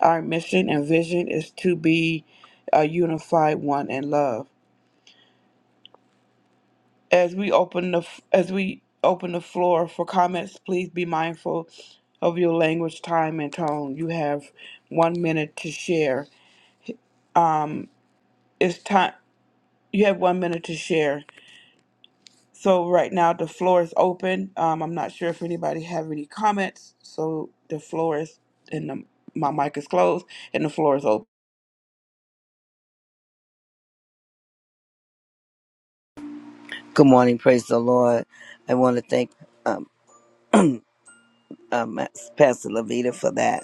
Our mission and vision is to be a unified one in love. As we open the f- as we open the floor for comments, please be mindful of your language, time, and tone. You have one minute to share. Um, it's time. You have one minute to share. So right now the floor is open. Um, I'm not sure if anybody have any comments. So the floor is and the, my mic is closed and the floor is open. Good morning. Praise the Lord. I want to thank um, um, Pastor Levita for that.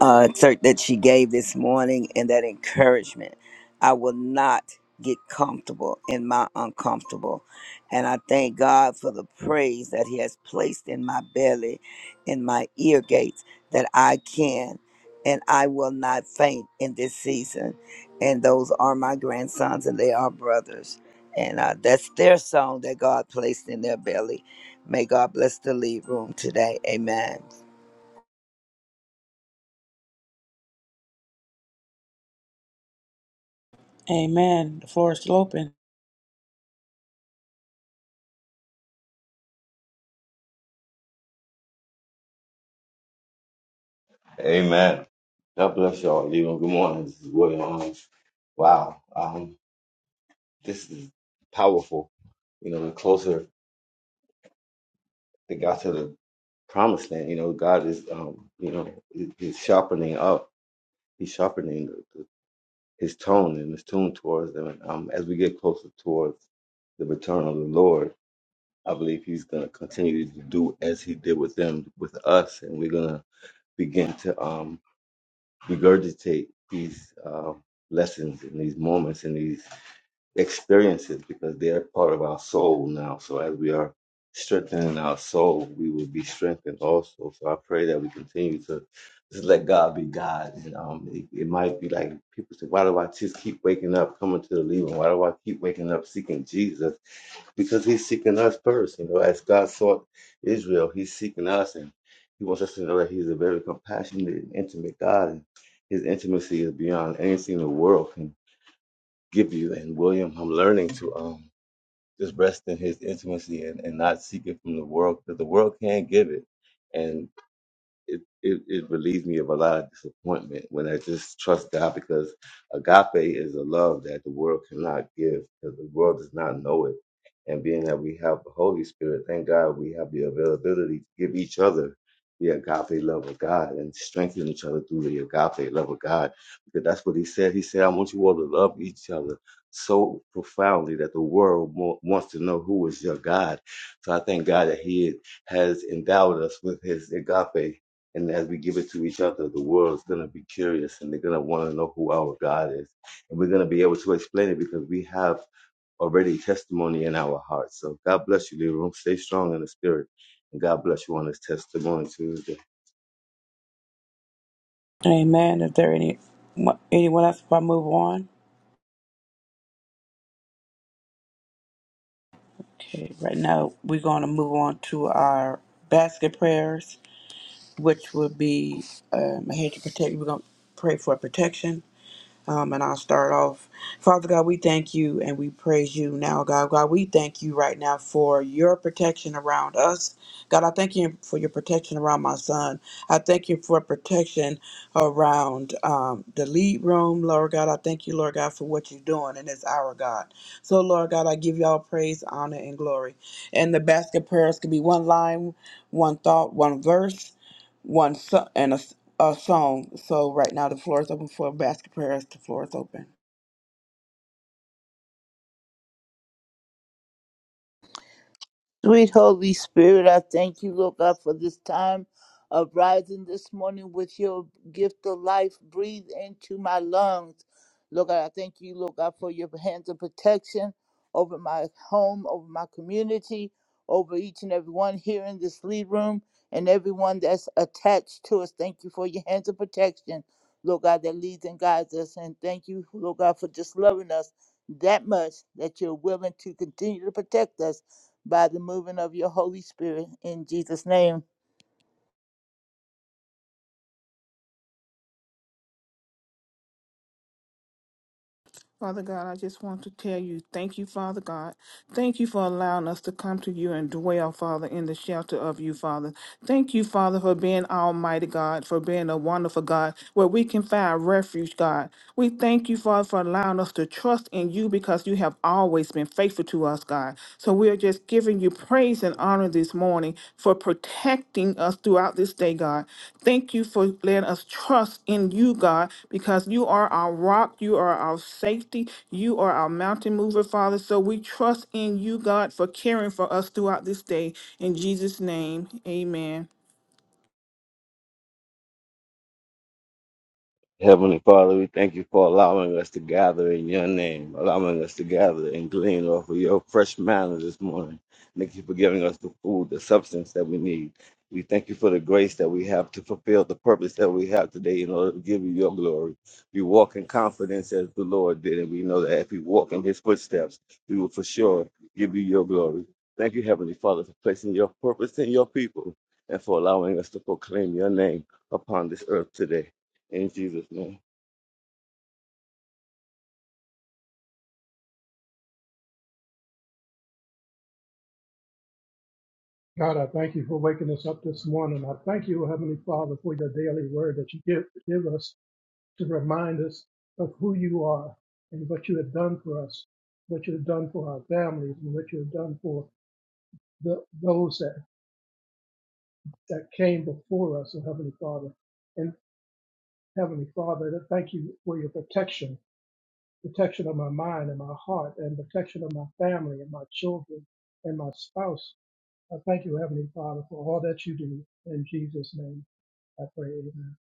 uh, excerpt that she gave this morning and that encouragement. I will not get comfortable in my uncomfortable. And I thank God for the praise that He has placed in my belly, in my ear gates, that I can and I will not faint in this season. And those are my grandsons and they are brothers. And uh, that's their song that God placed in their belly. May God bless the lead room today. Amen. Amen. The floor is still open. Amen. God bless y'all. Leland, good morning. This is William Owens. Wow. Um, this is powerful. You know, the closer it got to the promised land, you know, God is, um, you know, he- he's sharpening up. He's sharpening the, the, his tone and his tune towards them. And, um, as we get closer towards the retort, I'm going to continue to do as he with us. And we're going to begin to um, regurgitate these uh, lessons and these moments and these. experiences because they are part of our soul now. So as we are strengthening our soul, we will be strengthened also. So I pray that we continue to just let God be God. And um, it, it might be like people say, why do I just keep waking up coming to the leaving? Why do I keep waking up seeking Jesus? Because he's seeking us first. You know, as God sought Israel, he's seeking us and he wants us to know that he's a very compassionate and intimate God. And his intimacy is beyond anything the world can give you. And William, I'm learning to. um just rest in his intimacy and, and not seek it from the world because the world can't give it. And it, it, it relieves me of a lot of disappointment when I just trust God because agape is a love that the world cannot give because the world does not know it and being that we have the Holy Spirit, thank God we have the availability to give each other the agape love of God and strengthen each other through the agape love of God. Because that's what he said. He said, I want you all to love each other so profoundly that the world mo- wants to know who is your God. So I thank God that he has endowed us with his agape. And as we give it to each other, the world's going to be curious and they're going to want to know who our God is. And we're going to be able to explain it because we have already testimony in our hearts. So God bless you, Leroy. Stay strong in the spirit. And God bless you on this testimony Tuesday. Amen. Is there any anyone else? If I move on. Okay, right now we're going to move on to our basket prayers, which will be um, I had to protect. We're going to pray for protection um, and I'll start off. Father God, we thank you and we praise you now, God. God, we thank you right now for your protection around us. God, I thank you for your protection around my son. I thank you for protection around um, the lead room, Lord God. I thank you, Lord God, for what you're doing in this hour, God. So, Lord God, I give y'all praise, honor, and glory. And the basket prayers could be one line, one thought, one verse one so- and a, s- a song. So right now the floor is open for basket prayers. The floor is open. Sweet Holy Spirit, I thank you, Lord God, for this time of rising this morning with your gift of life. Breathe into my lungs. Lord God, I thank you, Lord God, for your hands of protection over my home, over my community, over each and every one here in this lead room and everyone that's attached to us. Thank you for your hands of protection, Lord God, that leads and guides us. And thank you, Lord God, for just loving us that much that you're willing to continue to protect us by the moving of your Holy Spirit in Jesus' name. Father God, I just want to tell you, thank you, Father God. Thank you for allowing us to come to you and dwell, Father, in the shelter of you, Father. Thank you, Father, for being Almighty God, for being a wonderful God, where we can find refuge, God. We thank you, Father, for allowing us to trust in you because you have always been faithful to us, God. So we are just giving you praise and honor this morning for protecting us throughout this day, God. Thank you for letting us trust in you, God, because you are our rock, you are our safety, you are our mountain mover, Father. So we trust in you, God, for caring for us throughout this day. In Jesus' name, amen. Heavenly Father, we thank you for allowing us to gather in your name, allowing us to gather and glean off of your fresh manna this morning. Thank you for giving us the food, the substance that we need. We thank you for the grace that we have to fulfill the purpose that we have today in order to give you your glory. We walk in confidence as the Lord did, and we know that if we walk in his footsteps, we will for sure give you your glory. Thank you, Heavenly Father, for placing your purpose in your people and for allowing us to proclaim your name upon this earth today. In Jesus' Oh, God, I thank you for waking us up this morning. I thank you, Heavenly Father, for your daily word that you give, give us to remind us of who you are and what you have done for us, what you have done for our families, and what you have done for the, those that, that came before us, oh, Heavenly Father. And Heavenly Father, I thank you for your protection protection of my mind and my heart and protection of my family and my children and my spouse. I thank you, Heavenly Father, for all that you do. In Jesus' name, I pray. Amen.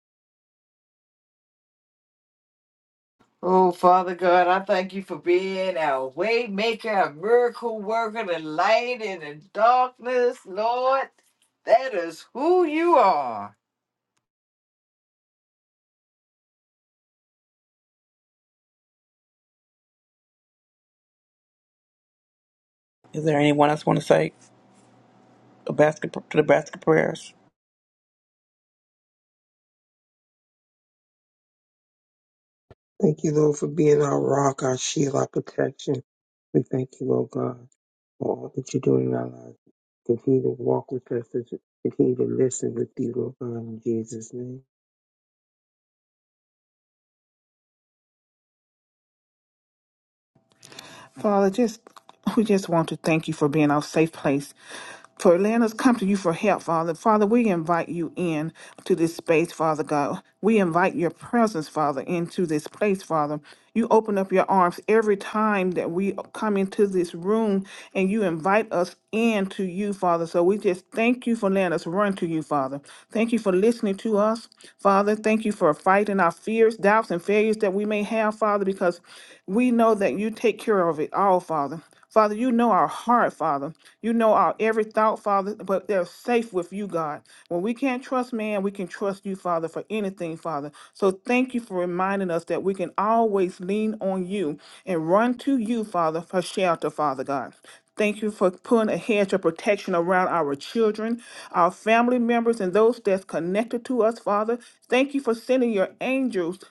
Oh, Father God, I thank you for being our way maker, our miracle worker, the light in the darkness, Lord. That is who you are. Is there anyone else want to say a basket to the basket prayers? Thank you, Lord, for being our rock, our shield, our protection. We thank you, Lord God, for all that you're doing in our lives. Continue to walk with us, continue to listen with you, Lord God, in Jesus' name. Father, just we just want to thank you for being our safe place, for letting us come to you for help, Father. Father, we invite you in to this space, Father God. We invite your presence, Father, into this place, Father. You open up your arms every time that we come into this room and you invite us in to you, Father. So we just thank you for letting us run to you, Father. Thank you for listening to us, Father. Thank you for fighting our fears, doubts, and failures that we may have, Father, because we know that you take care of it all, Father. Father, you know our heart, Father. You know our every thought, Father, but they're safe with you, God. When we can't trust man, we can trust you, Father, for anything, Father. So thank you for reminding us that we can always lean on you and run to you, Father, for shelter, Father God. Thank you for putting a hedge of protection around our children, our family members, and those that's connected to us, Father. Thank you for sending your angels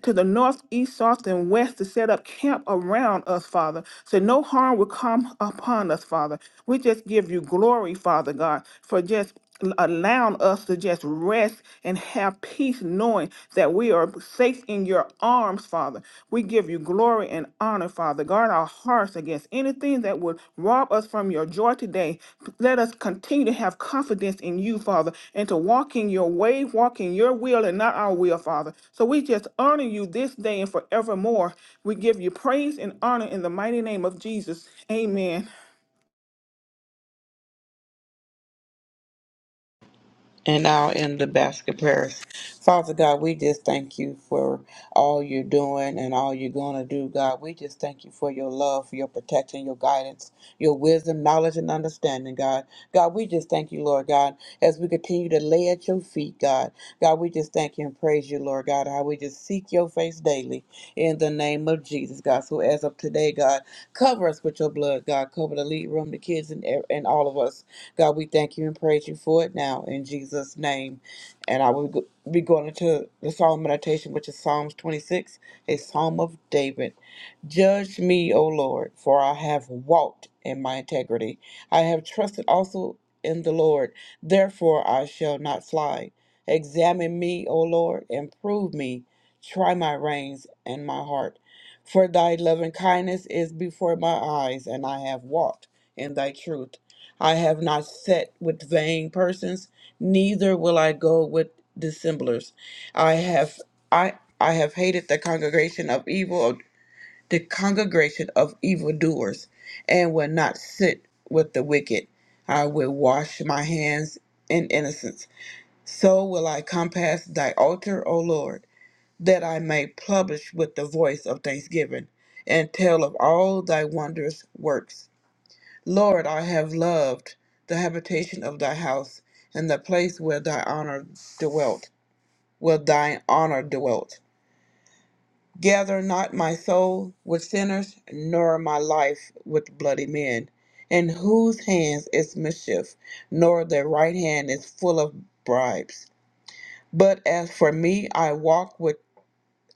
to the north, east, south, and west to set up camp around us, Father. So no harm will come upon us, Father. We just give you glory, Father God, for just allowing us to just rest and have peace knowing that we are safe in your arms, Father. We give you glory and honor honor, Father. Guard our hearts against anything that would rob us from your joy today. Let us continue to have confidence in you, Father, and to walk in your way, walk in your will and not our will, Father. So we just honor you this day and forevermore. We give you praise and honor in the mighty name of Jesus. Amen. And now in the basket prayers. Father God, we just thank you for all you're doing and all you're going to do, God. We just thank you for your love, for your protection, your guidance, your wisdom, knowledge, and understanding, God. God, we just thank you, Lord God, as we continue to lay at your feet, God. God, we just thank you and praise you, Lord God, how we just seek your face daily in the name of Jesus, God. So as of today, God, cover us with your blood, God. Cover the lead room, the kids, and, and all of us. God, we thank you and praise you for it now in Jesus' name. And I will go- be going into the Psalm meditation, which is Psalms 26, a Psalm of David. Judge me, O Lord, for I have walked in my integrity. I have trusted also in the Lord, therefore I shall not fly. Examine me, O Lord, and prove me. Try my reins and my heart. For thy loving kindness is before my eyes, and I have walked in thy truth. I have not sat with vain persons, neither will I go with dissemblers. I have I I have hated the congregation of evil, the congregation of evildoers, and will not sit with the wicked. I will wash my hands in innocence. So will I compass thy altar, O Lord, that I may publish with the voice of thanksgiving and tell of all thy wondrous works. Lord, I have loved the habitation of thy house, and the place where thy honor dwelt, where thine honor dwelt. Gather not my soul with sinners, nor my life with bloody men, in whose hands is mischief, nor their right hand is full of bribes. But as for me, I walk with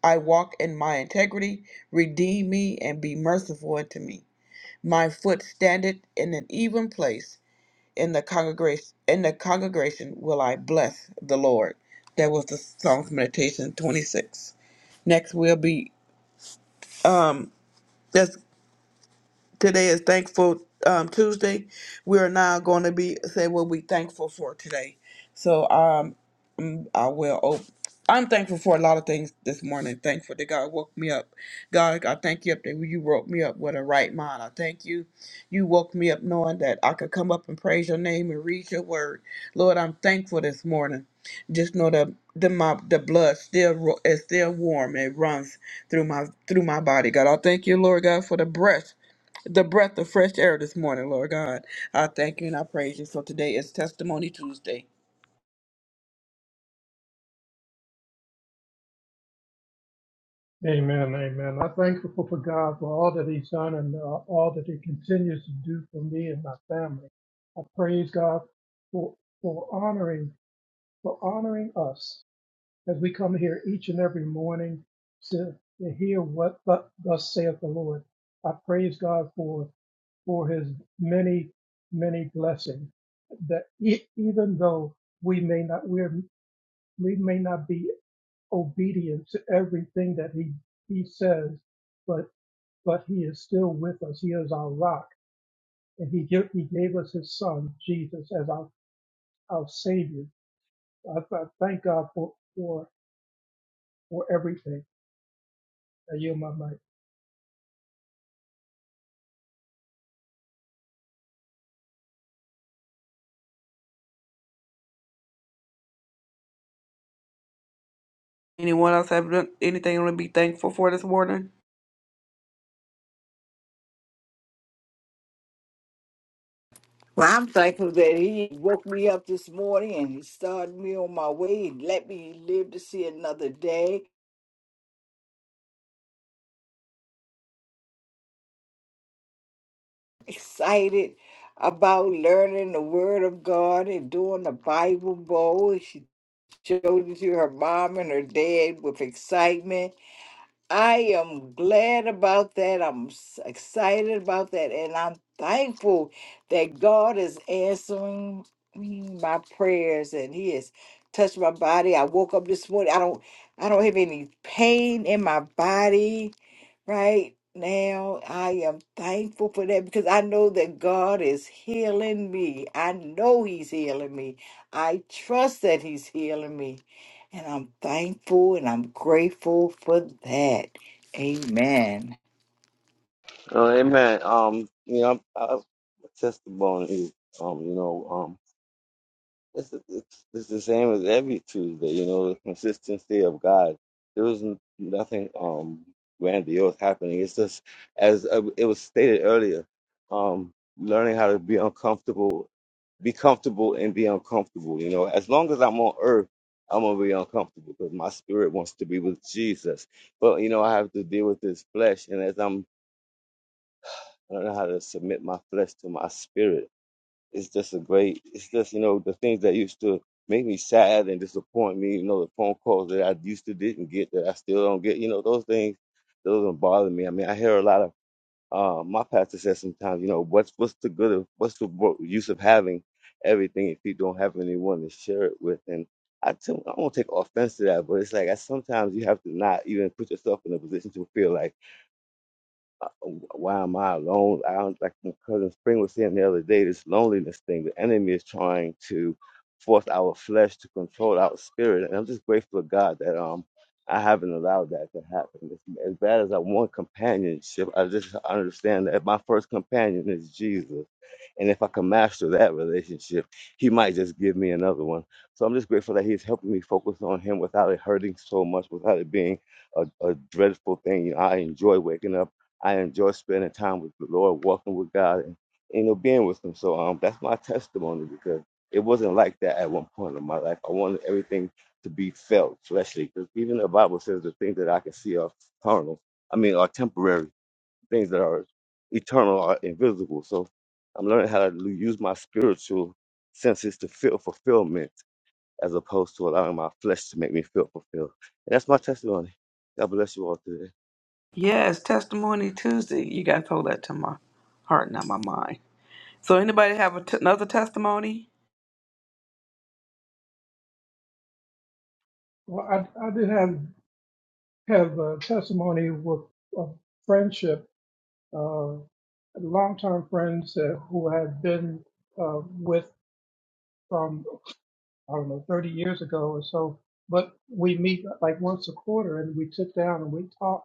I walk in my integrity, redeem me and be merciful unto me. My foot standeth in an even place in the congregation in the congregation will I bless the Lord. That was the Psalms meditation 26. Next will be um that's today is thankful um Tuesday. We are now going to be say what we thankful for today. So um. I will. Op- I'm thankful for a lot of things this morning. Thankful that God woke me up. God, I thank you up that you woke me up with a right mind. I thank you. You woke me up knowing that I could come up and praise your name and read your word. Lord, I'm thankful this morning. Just know that the my the blood still ru- is still warm. It runs through my through my body. God, I thank you, Lord God, for the breath the breath of fresh air this morning, Lord God. I thank you and I praise you. So today is Testimony Tuesday. Amen. Amen. I'm thankful for God for all that He's done and uh, all that He continues to do for me and my family. I praise God for for honoring for honoring us as we come here each and every morning to, to hear what thus saith the Lord. I praise God for for his many, many blessings. That e- even though we may not we are we may not be obedient to everything that he he says, but but he is still with us. He is our rock, and he give, he gave us his son Jesus as our our savior. I, I thank God for for for everything. I yield my mic. Anyone else have done- anything to be thankful for this morning? Well, I'm thankful that he woke me up this morning and he started me on my way and let me live to see another day. Excited about learning the Word of God and doing the Bible Bowl. She showed it to her mom and her dad with excitement I am glad about that. I'm s- excited about that. And I'm thankful that God is answering me my prayers and He has touched my body. I woke up this morning. I don't I don't have any pain in my body. Right now, I am thankful for that because I know that God is healing me. I know He's healing me. I trust that He's healing me. And I'm thankful and I'm grateful for that. Amen. amen. Um, you know, I, I, my testimony is, um, you know, um, it's, it's it's the same as every Tuesday. You know, the consistency of God. There was n- nothing um grandiose happening. It's just as uh, it was stated earlier, um, learning how to be uncomfortable, be comfortable, and be uncomfortable. You know, as long as I'm on earth. I'm gonna be uncomfortable because my spirit wants to be with Jesus, but you know I have to deal with this flesh, and as I'm I don't know how to submit my flesh to my spirit. It's just a great, it's just, you know, the things that used to make me sad and disappoint me, you know, the phone calls that I used to didn't get that I still don't get, you know, those things, those don't bother me. I mean, I hear a lot of, uh, my pastor says sometimes, you know, what's, what's the good of, what's the wo- use of having everything if you don't have anyone to share it with? And I, tell, I don't take offense to that, but it's like I, sometimes you have to not even put yourself in a position to feel like, why am I alone? I don't, like my cousin Spring was saying the other day, this loneliness thing, the enemy is trying to force our flesh to control our spirit. And I'm just grateful to God that um I haven't allowed that to happen. As as bad as I want companionship, I just understand that my first companion is Jesus. And if I can master that relationship, he might just give me another one. So I'm just grateful that he's helping me focus on him without it hurting so much, without it being a, a dreadful thing. You know, I enjoy waking up. I enjoy spending time with the Lord, walking with God, and you know, being with Him. So um, that's my testimony because it wasn't like that at one point in my life. I wanted everything to be felt fleshly because even the Bible says the things that I can see are carnal. I mean, are temporary things that are eternal are invisible. So I'm learning how to l- use my spiritual senses to feel fulfillment as opposed to allowing my flesh to make me feel fulfilled. And that's my testimony. God bless you all today. Yes, Testimony Tuesday. You guys hold that to my heart, not my mind. So, anybody have a t- another testimony? Well, I I did have have a testimony with a friendship uh, longtime friends uh, who have been uh, with from I don't know 30 years ago or so. But we meet like once a quarter, and we sit down and we talk.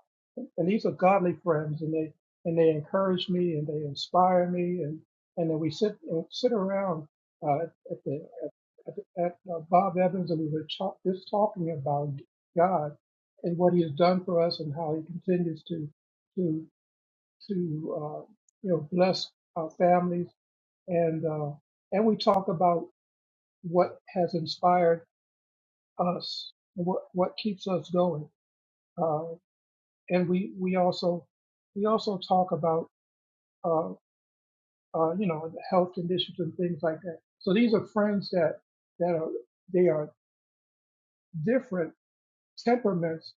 And these are godly friends, and they and they encourage me and they inspire me, and and then we sit and sit around uh, at the at, at uh, Bob Evans, and we were talk, just talking about God and what He has done for us, and how He continues to to to uh, you know bless our families and uh, and we talk about what has inspired us what what keeps us going uh, and we we also we also talk about uh, uh, you know the health conditions and things like that so these are friends that that are they are different temperaments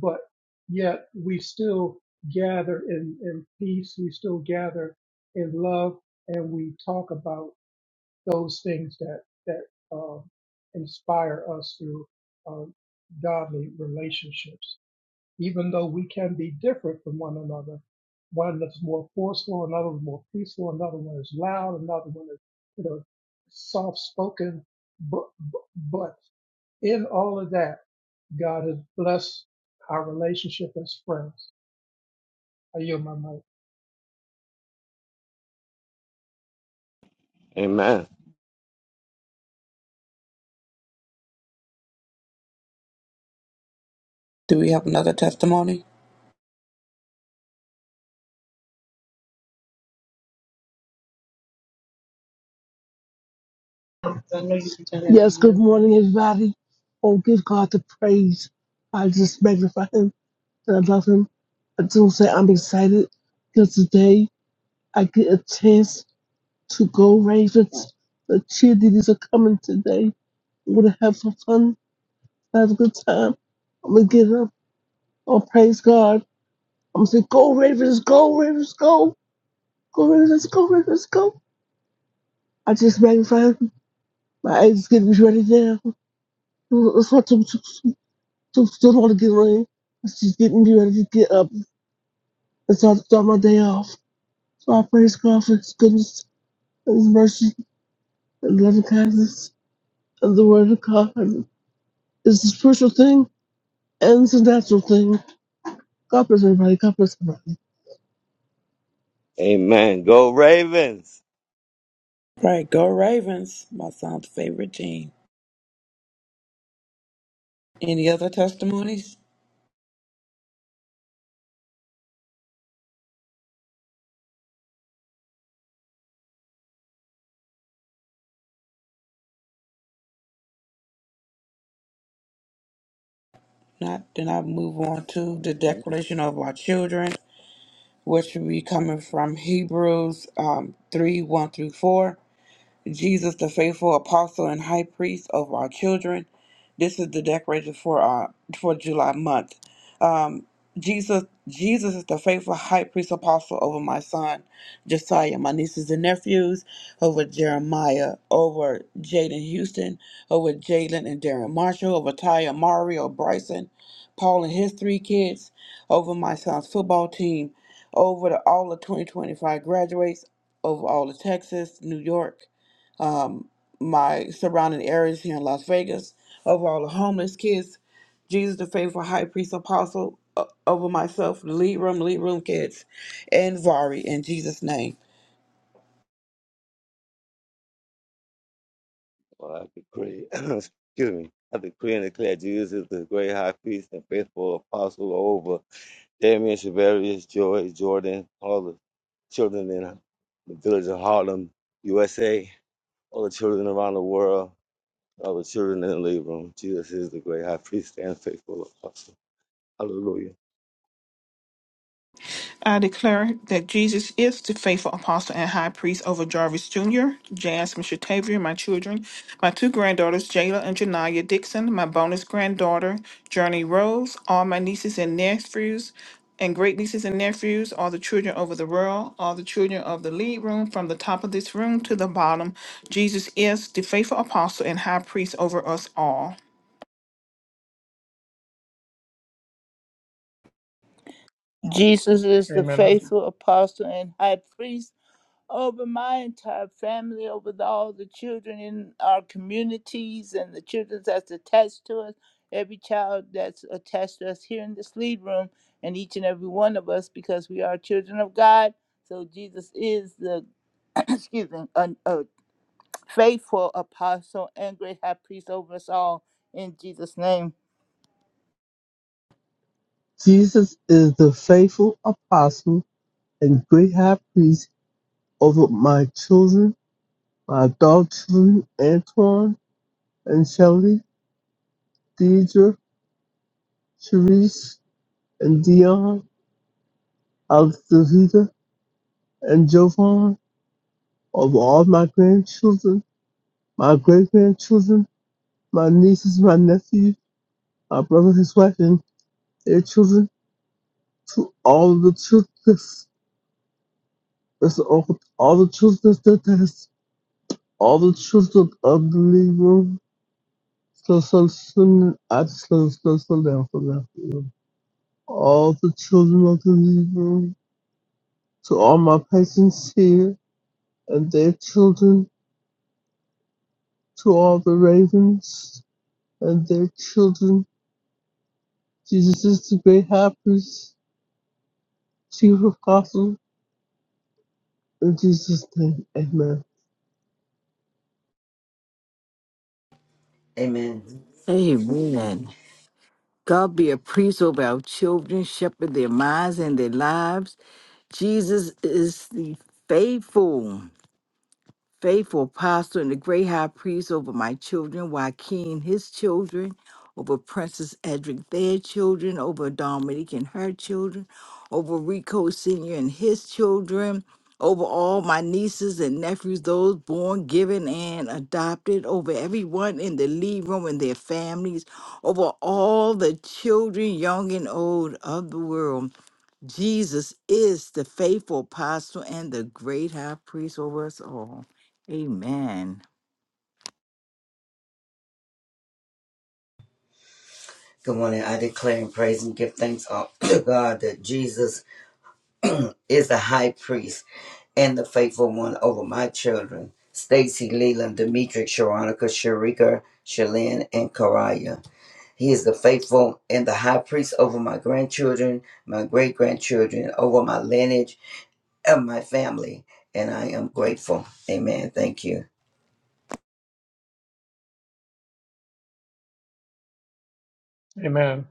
but yet we still gather in, in peace we still gather in love and we talk about those things that that um, inspire us through uh, godly relationships. Even though we can be different from one another, one that's more forceful, another one more peaceful, another one is loud, another one is you know soft spoken, but but in all of that, God has blessed our relationship as friends. I yield my mic. Amen. Do we have another testimony? praised. Yes, good morning, everybody. Oh, give God the praise. I just magnify Him and I love Him. I do say I'm excited because today I get a chance to go Ravens. The cheerleaders are coming today. We're gonna have some fun, have a good time. I'm gonna get up. Oh, praise God. I'm going to say, go Ravens, go Ravens, go. Go Ravens, go Ravens, go. I just magnify him. My eyes getting me ready now. It's not too, too, too, too too long to get ready. It's just getting me ready to get up and start, start my day off. So I praise God for his goodness and his mercy and loving kindness and the word of God. It's a spiritual thing and it's a natural thing. God bless everybody. God bless everybody. Amen. Go Ravens. Right, go Ravens, my son's favorite team. Any other testimonies? Not, then I move on to the declaration of our children, which will be coming from Hebrews um, 3 1 through 4. Jesus, the faithful apostle and high priest over our children. This is the decoration for our for July month. Um, Jesus, Jesus is the faithful high priest apostle over my son Josiah, my nieces and nephews, over Jeremiah, over Jaden Houston, over Jalen and Darren Marshall, over Taya, Mario, Bryson, Paul and his three kids, over my son's football team, over the, all the 2025 graduates, over all of Texas, New York, my surrounding areas here in Las Vegas, over all the homeless kids, Jesus the faithful high priest apostle, uh, over myself, the lead room, lead room kids, and Vari in Jesus' name. Well, I decree, excuse me. I decree and declare Jesus is the great high priest and faithful apostle over Damien, Shavarius, Joy, Jordan, all the children in the village of Harlem, USA. all the children around the world, all the children in the living room. Jesus is the great high priest and faithful apostle. Hallelujah. I declare that Jesus is the faithful apostle and high priest over Jarvis Jr., Jasmine Shatavia, my children, my two granddaughters, Jayla and Janaya Dixon, my bonus granddaughter, Journey Rose, all my nieces and nephews, and great nieces and nephews, all the children over the world, all the children of the lead room, from the top of this room to the bottom. Jesus is the faithful apostle and high priest over us all. Jesus is the Amen. I do. faithful apostle and high priest over my entire family, over the, all the children in our communities and the children that's attached to us, every child that's attached to us here in this lead room, and each and every one of us because we are children of God. So Jesus is the excuse me, an, a faithful apostle and great high priest over us all in Jesus' name. Jesus is the faithful apostle and great high priest Of my children, my adult children, Antoine and Shelly, Deidre, Sharice, and Dion, Alex Davita, and Jovan, Of all my grandchildren, my great grandchildren, my nieces, my nephews, my brother, his wife, and their children, to all the children, that's all, all the children that has, all the children of the living room. Slow, slow, slow, I just slow, slow, slow down, slow down. all the children of the living to all my patients here and their children, to all the ravens and their children. Jesus is the great high priest, chief apostle, in Jesus' name, amen. Amen. Amen. God be a priest over our children, shepherd their minds and their lives. Jesus is the faithful. faithful apostle and the great high priest over my children, Joaquin, his children, over Princess Edric, their children, over Dominique and her children, over Rico Sr. and his children, over all my nieces and nephews, those born, given, and adopted, over everyone in the lead room and their families, over all the children, young and old, of the world. Jesus is the faithful apostle and the great high priest over us all. Amen. Good morning. I declare and praise and give thanks all to God that Jesus is the high priest and the faithful one over my children, Stacy, Leland, Demetric, Sharonica, Sharika, Shalyn, and Karaya. He is the faithful and the high priest over my grandchildren, my great grandchildren, over my lineage and my family. And I am grateful. Amen. Thank you. Amen.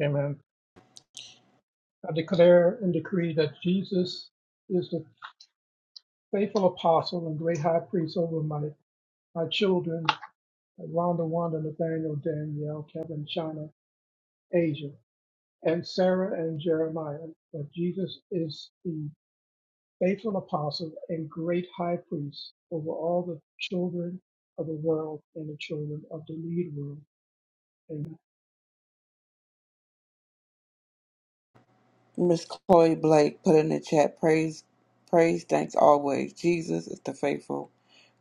Amen. I declare and decree that Jesus is the. faithful apostle and great high priest over my, my children, Rhonda, Wanda, Nathaniel, Danielle, Kevin, China, Asia, and Sarah and Jeremiah. But Jesus is the faithful apostle and great high priest over all the children of the world and the children of the lead room. Amen. Miss Chloe Blake put in the chat praise, praise, thanks always. Jesus is the faithful,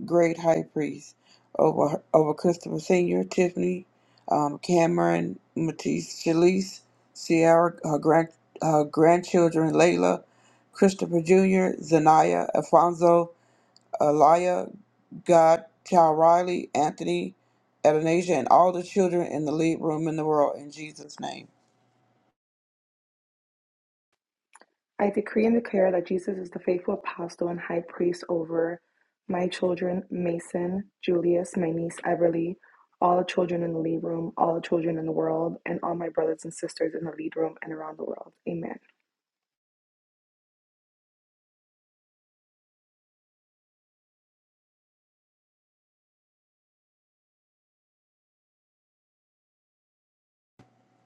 great high priest over over Christopher Senior, Tiffany, um, Cameron, Matisse, Shalise, Sierra, her grand her grandchildren, Layla, Christopher Junior, Zanaya, Alfonso, Elia, God, Child Riley, Anthony, Adonijah, and all the children in the lead room in the world in Jesus' name. I decree and declare that Jesus is the faithful apostle and high priest over my children, Mason, Julius, my niece, Everly, all the children in the lead room, all the children in the world, and all my brothers and sisters in the lead room and around the world. Amen.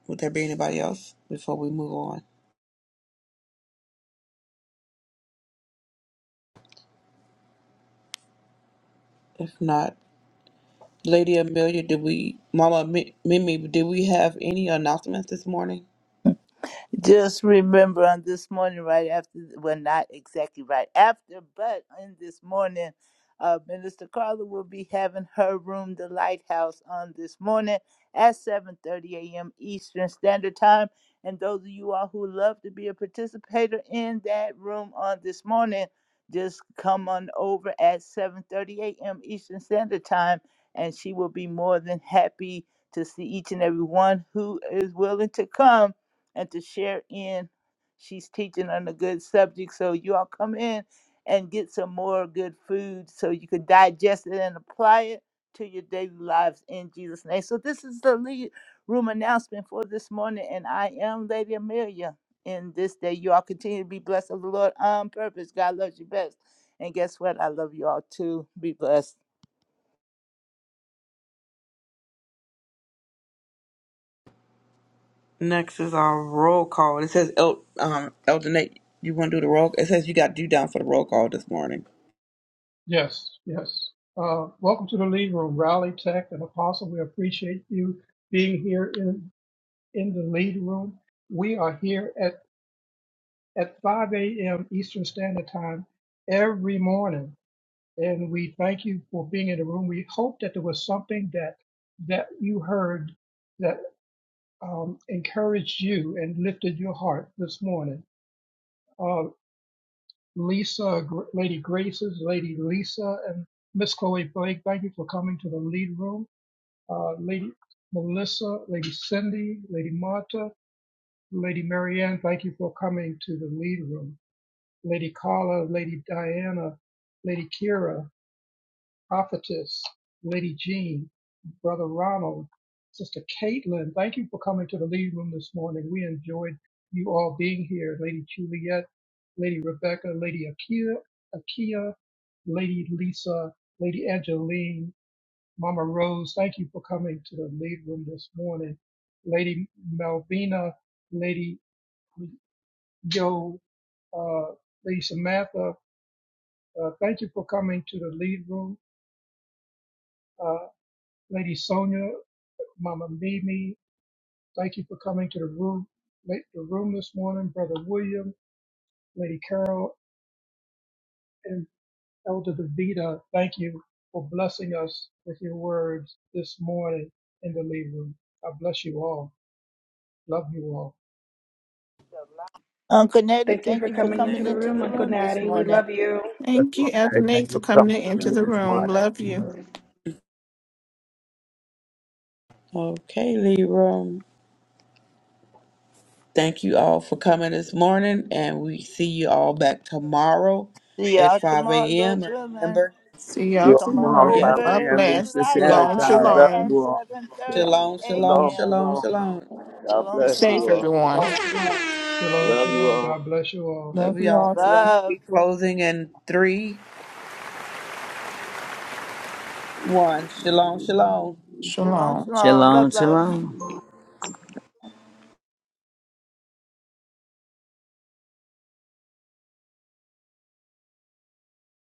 Would there be anybody else before we move on? If not, Lady Amelia, did we, Mama Mi- Mimi, did we have any announcements this morning? Just remember on this morning, right after, well, not exactly right after, but in this morning, uh, Minister Carla will be having her room, the Lighthouse, on this morning at 7:30 a.m. Eastern Standard Time. And those of you all who love to be a participator in that room on this morning, just come on over at 7:30 a.m. Eastern Standard Time, and she will be more than happy to see each and every one who is willing to come and to share in. She's teaching on a good subject. So you all come in and get some more good food so you can digest it and apply it to your daily lives in Jesus' name. So this is the lead room announcement for this morning. And I am Lady Amelia. In this day, you all continue to be blessed of the Lord on purpose. God loves you best. And guess what? I love you all too. Be blessed. Next is our roll call. It says, El, um, Elder Nate, you want to do the roll? It says you got due down for the roll call this morning. Yes, yes. Uh, welcome to the lead room, Rally Tech and Apostle. We appreciate you being here in, in the lead room. We are here at. at 5 a.m. Eastern Standard Time every morning. And we thank you for being in the room. We hope that there was something that that you heard that um, encouraged you and lifted your heart this morning. Uh, Lisa, Gr- Lady Graces, Lady Lisa, and Miss Chloe Blake, thank you for coming to the lead room. Uh, Lady Melissa, Lady Cindy, Lady Marta, Lady Marianne, thank you for coming to the lead room. Lady Carla, Lady Diana, Lady Kira, Prophetess, Lady Jean, Brother Ronald, Sister Caitlin. Thank you for coming to the lead room this morning. We enjoyed you all being here. Lady Juliet, Lady Rebecca, Lady Akia, Akia, Lady Lisa, Lady Angeline, Mama Rose. Thank you for coming to the lead room this morning. Lady Malvina, Lady Yo, uh, Lady Samantha, uh, thank you for coming to the lead room. Uh, Lady Sonia, Mama Mimi, thank you for coming to the room, la- the room this morning. Brother William, Lady Carol, and Elder Davida, thank you for blessing us with your words this morning in the lead room. I bless you all. Love you all. Uncle Nettie, Thank you thank for you for coming into coming the into room, the Uncle room this Natty. We morning. love you. That's Thank you, what Elder I thank Nate, for you so much coming for into Leroom the doing This this room. morning. morning. Love you. Okay, Leroom. Thank you all for coming this morning, and we see you all back tomorrow See at y'all 5 tomorrow, a.m. Lord's And willing. Remember, See y'all You're Come on all tomorrow. yes, see Father, God over and to this the bless. is y'all Shalom, lighthouse time. Love tomorrow. at you shalom. all. 7:30 Shalom, shalom, Shalom, a.m. shalom, shalom. shalom. God Shalom, Be bless safe, you shalom. all. everyone. Shalom, shalom. Shalom, Love you shalom. all. God bless you all. Love Love you y'all. all. The room will Love. be closing in three, one. Shalom, shalom. Shalom, Shalom. shalom. Shalom, Love, love. shalom.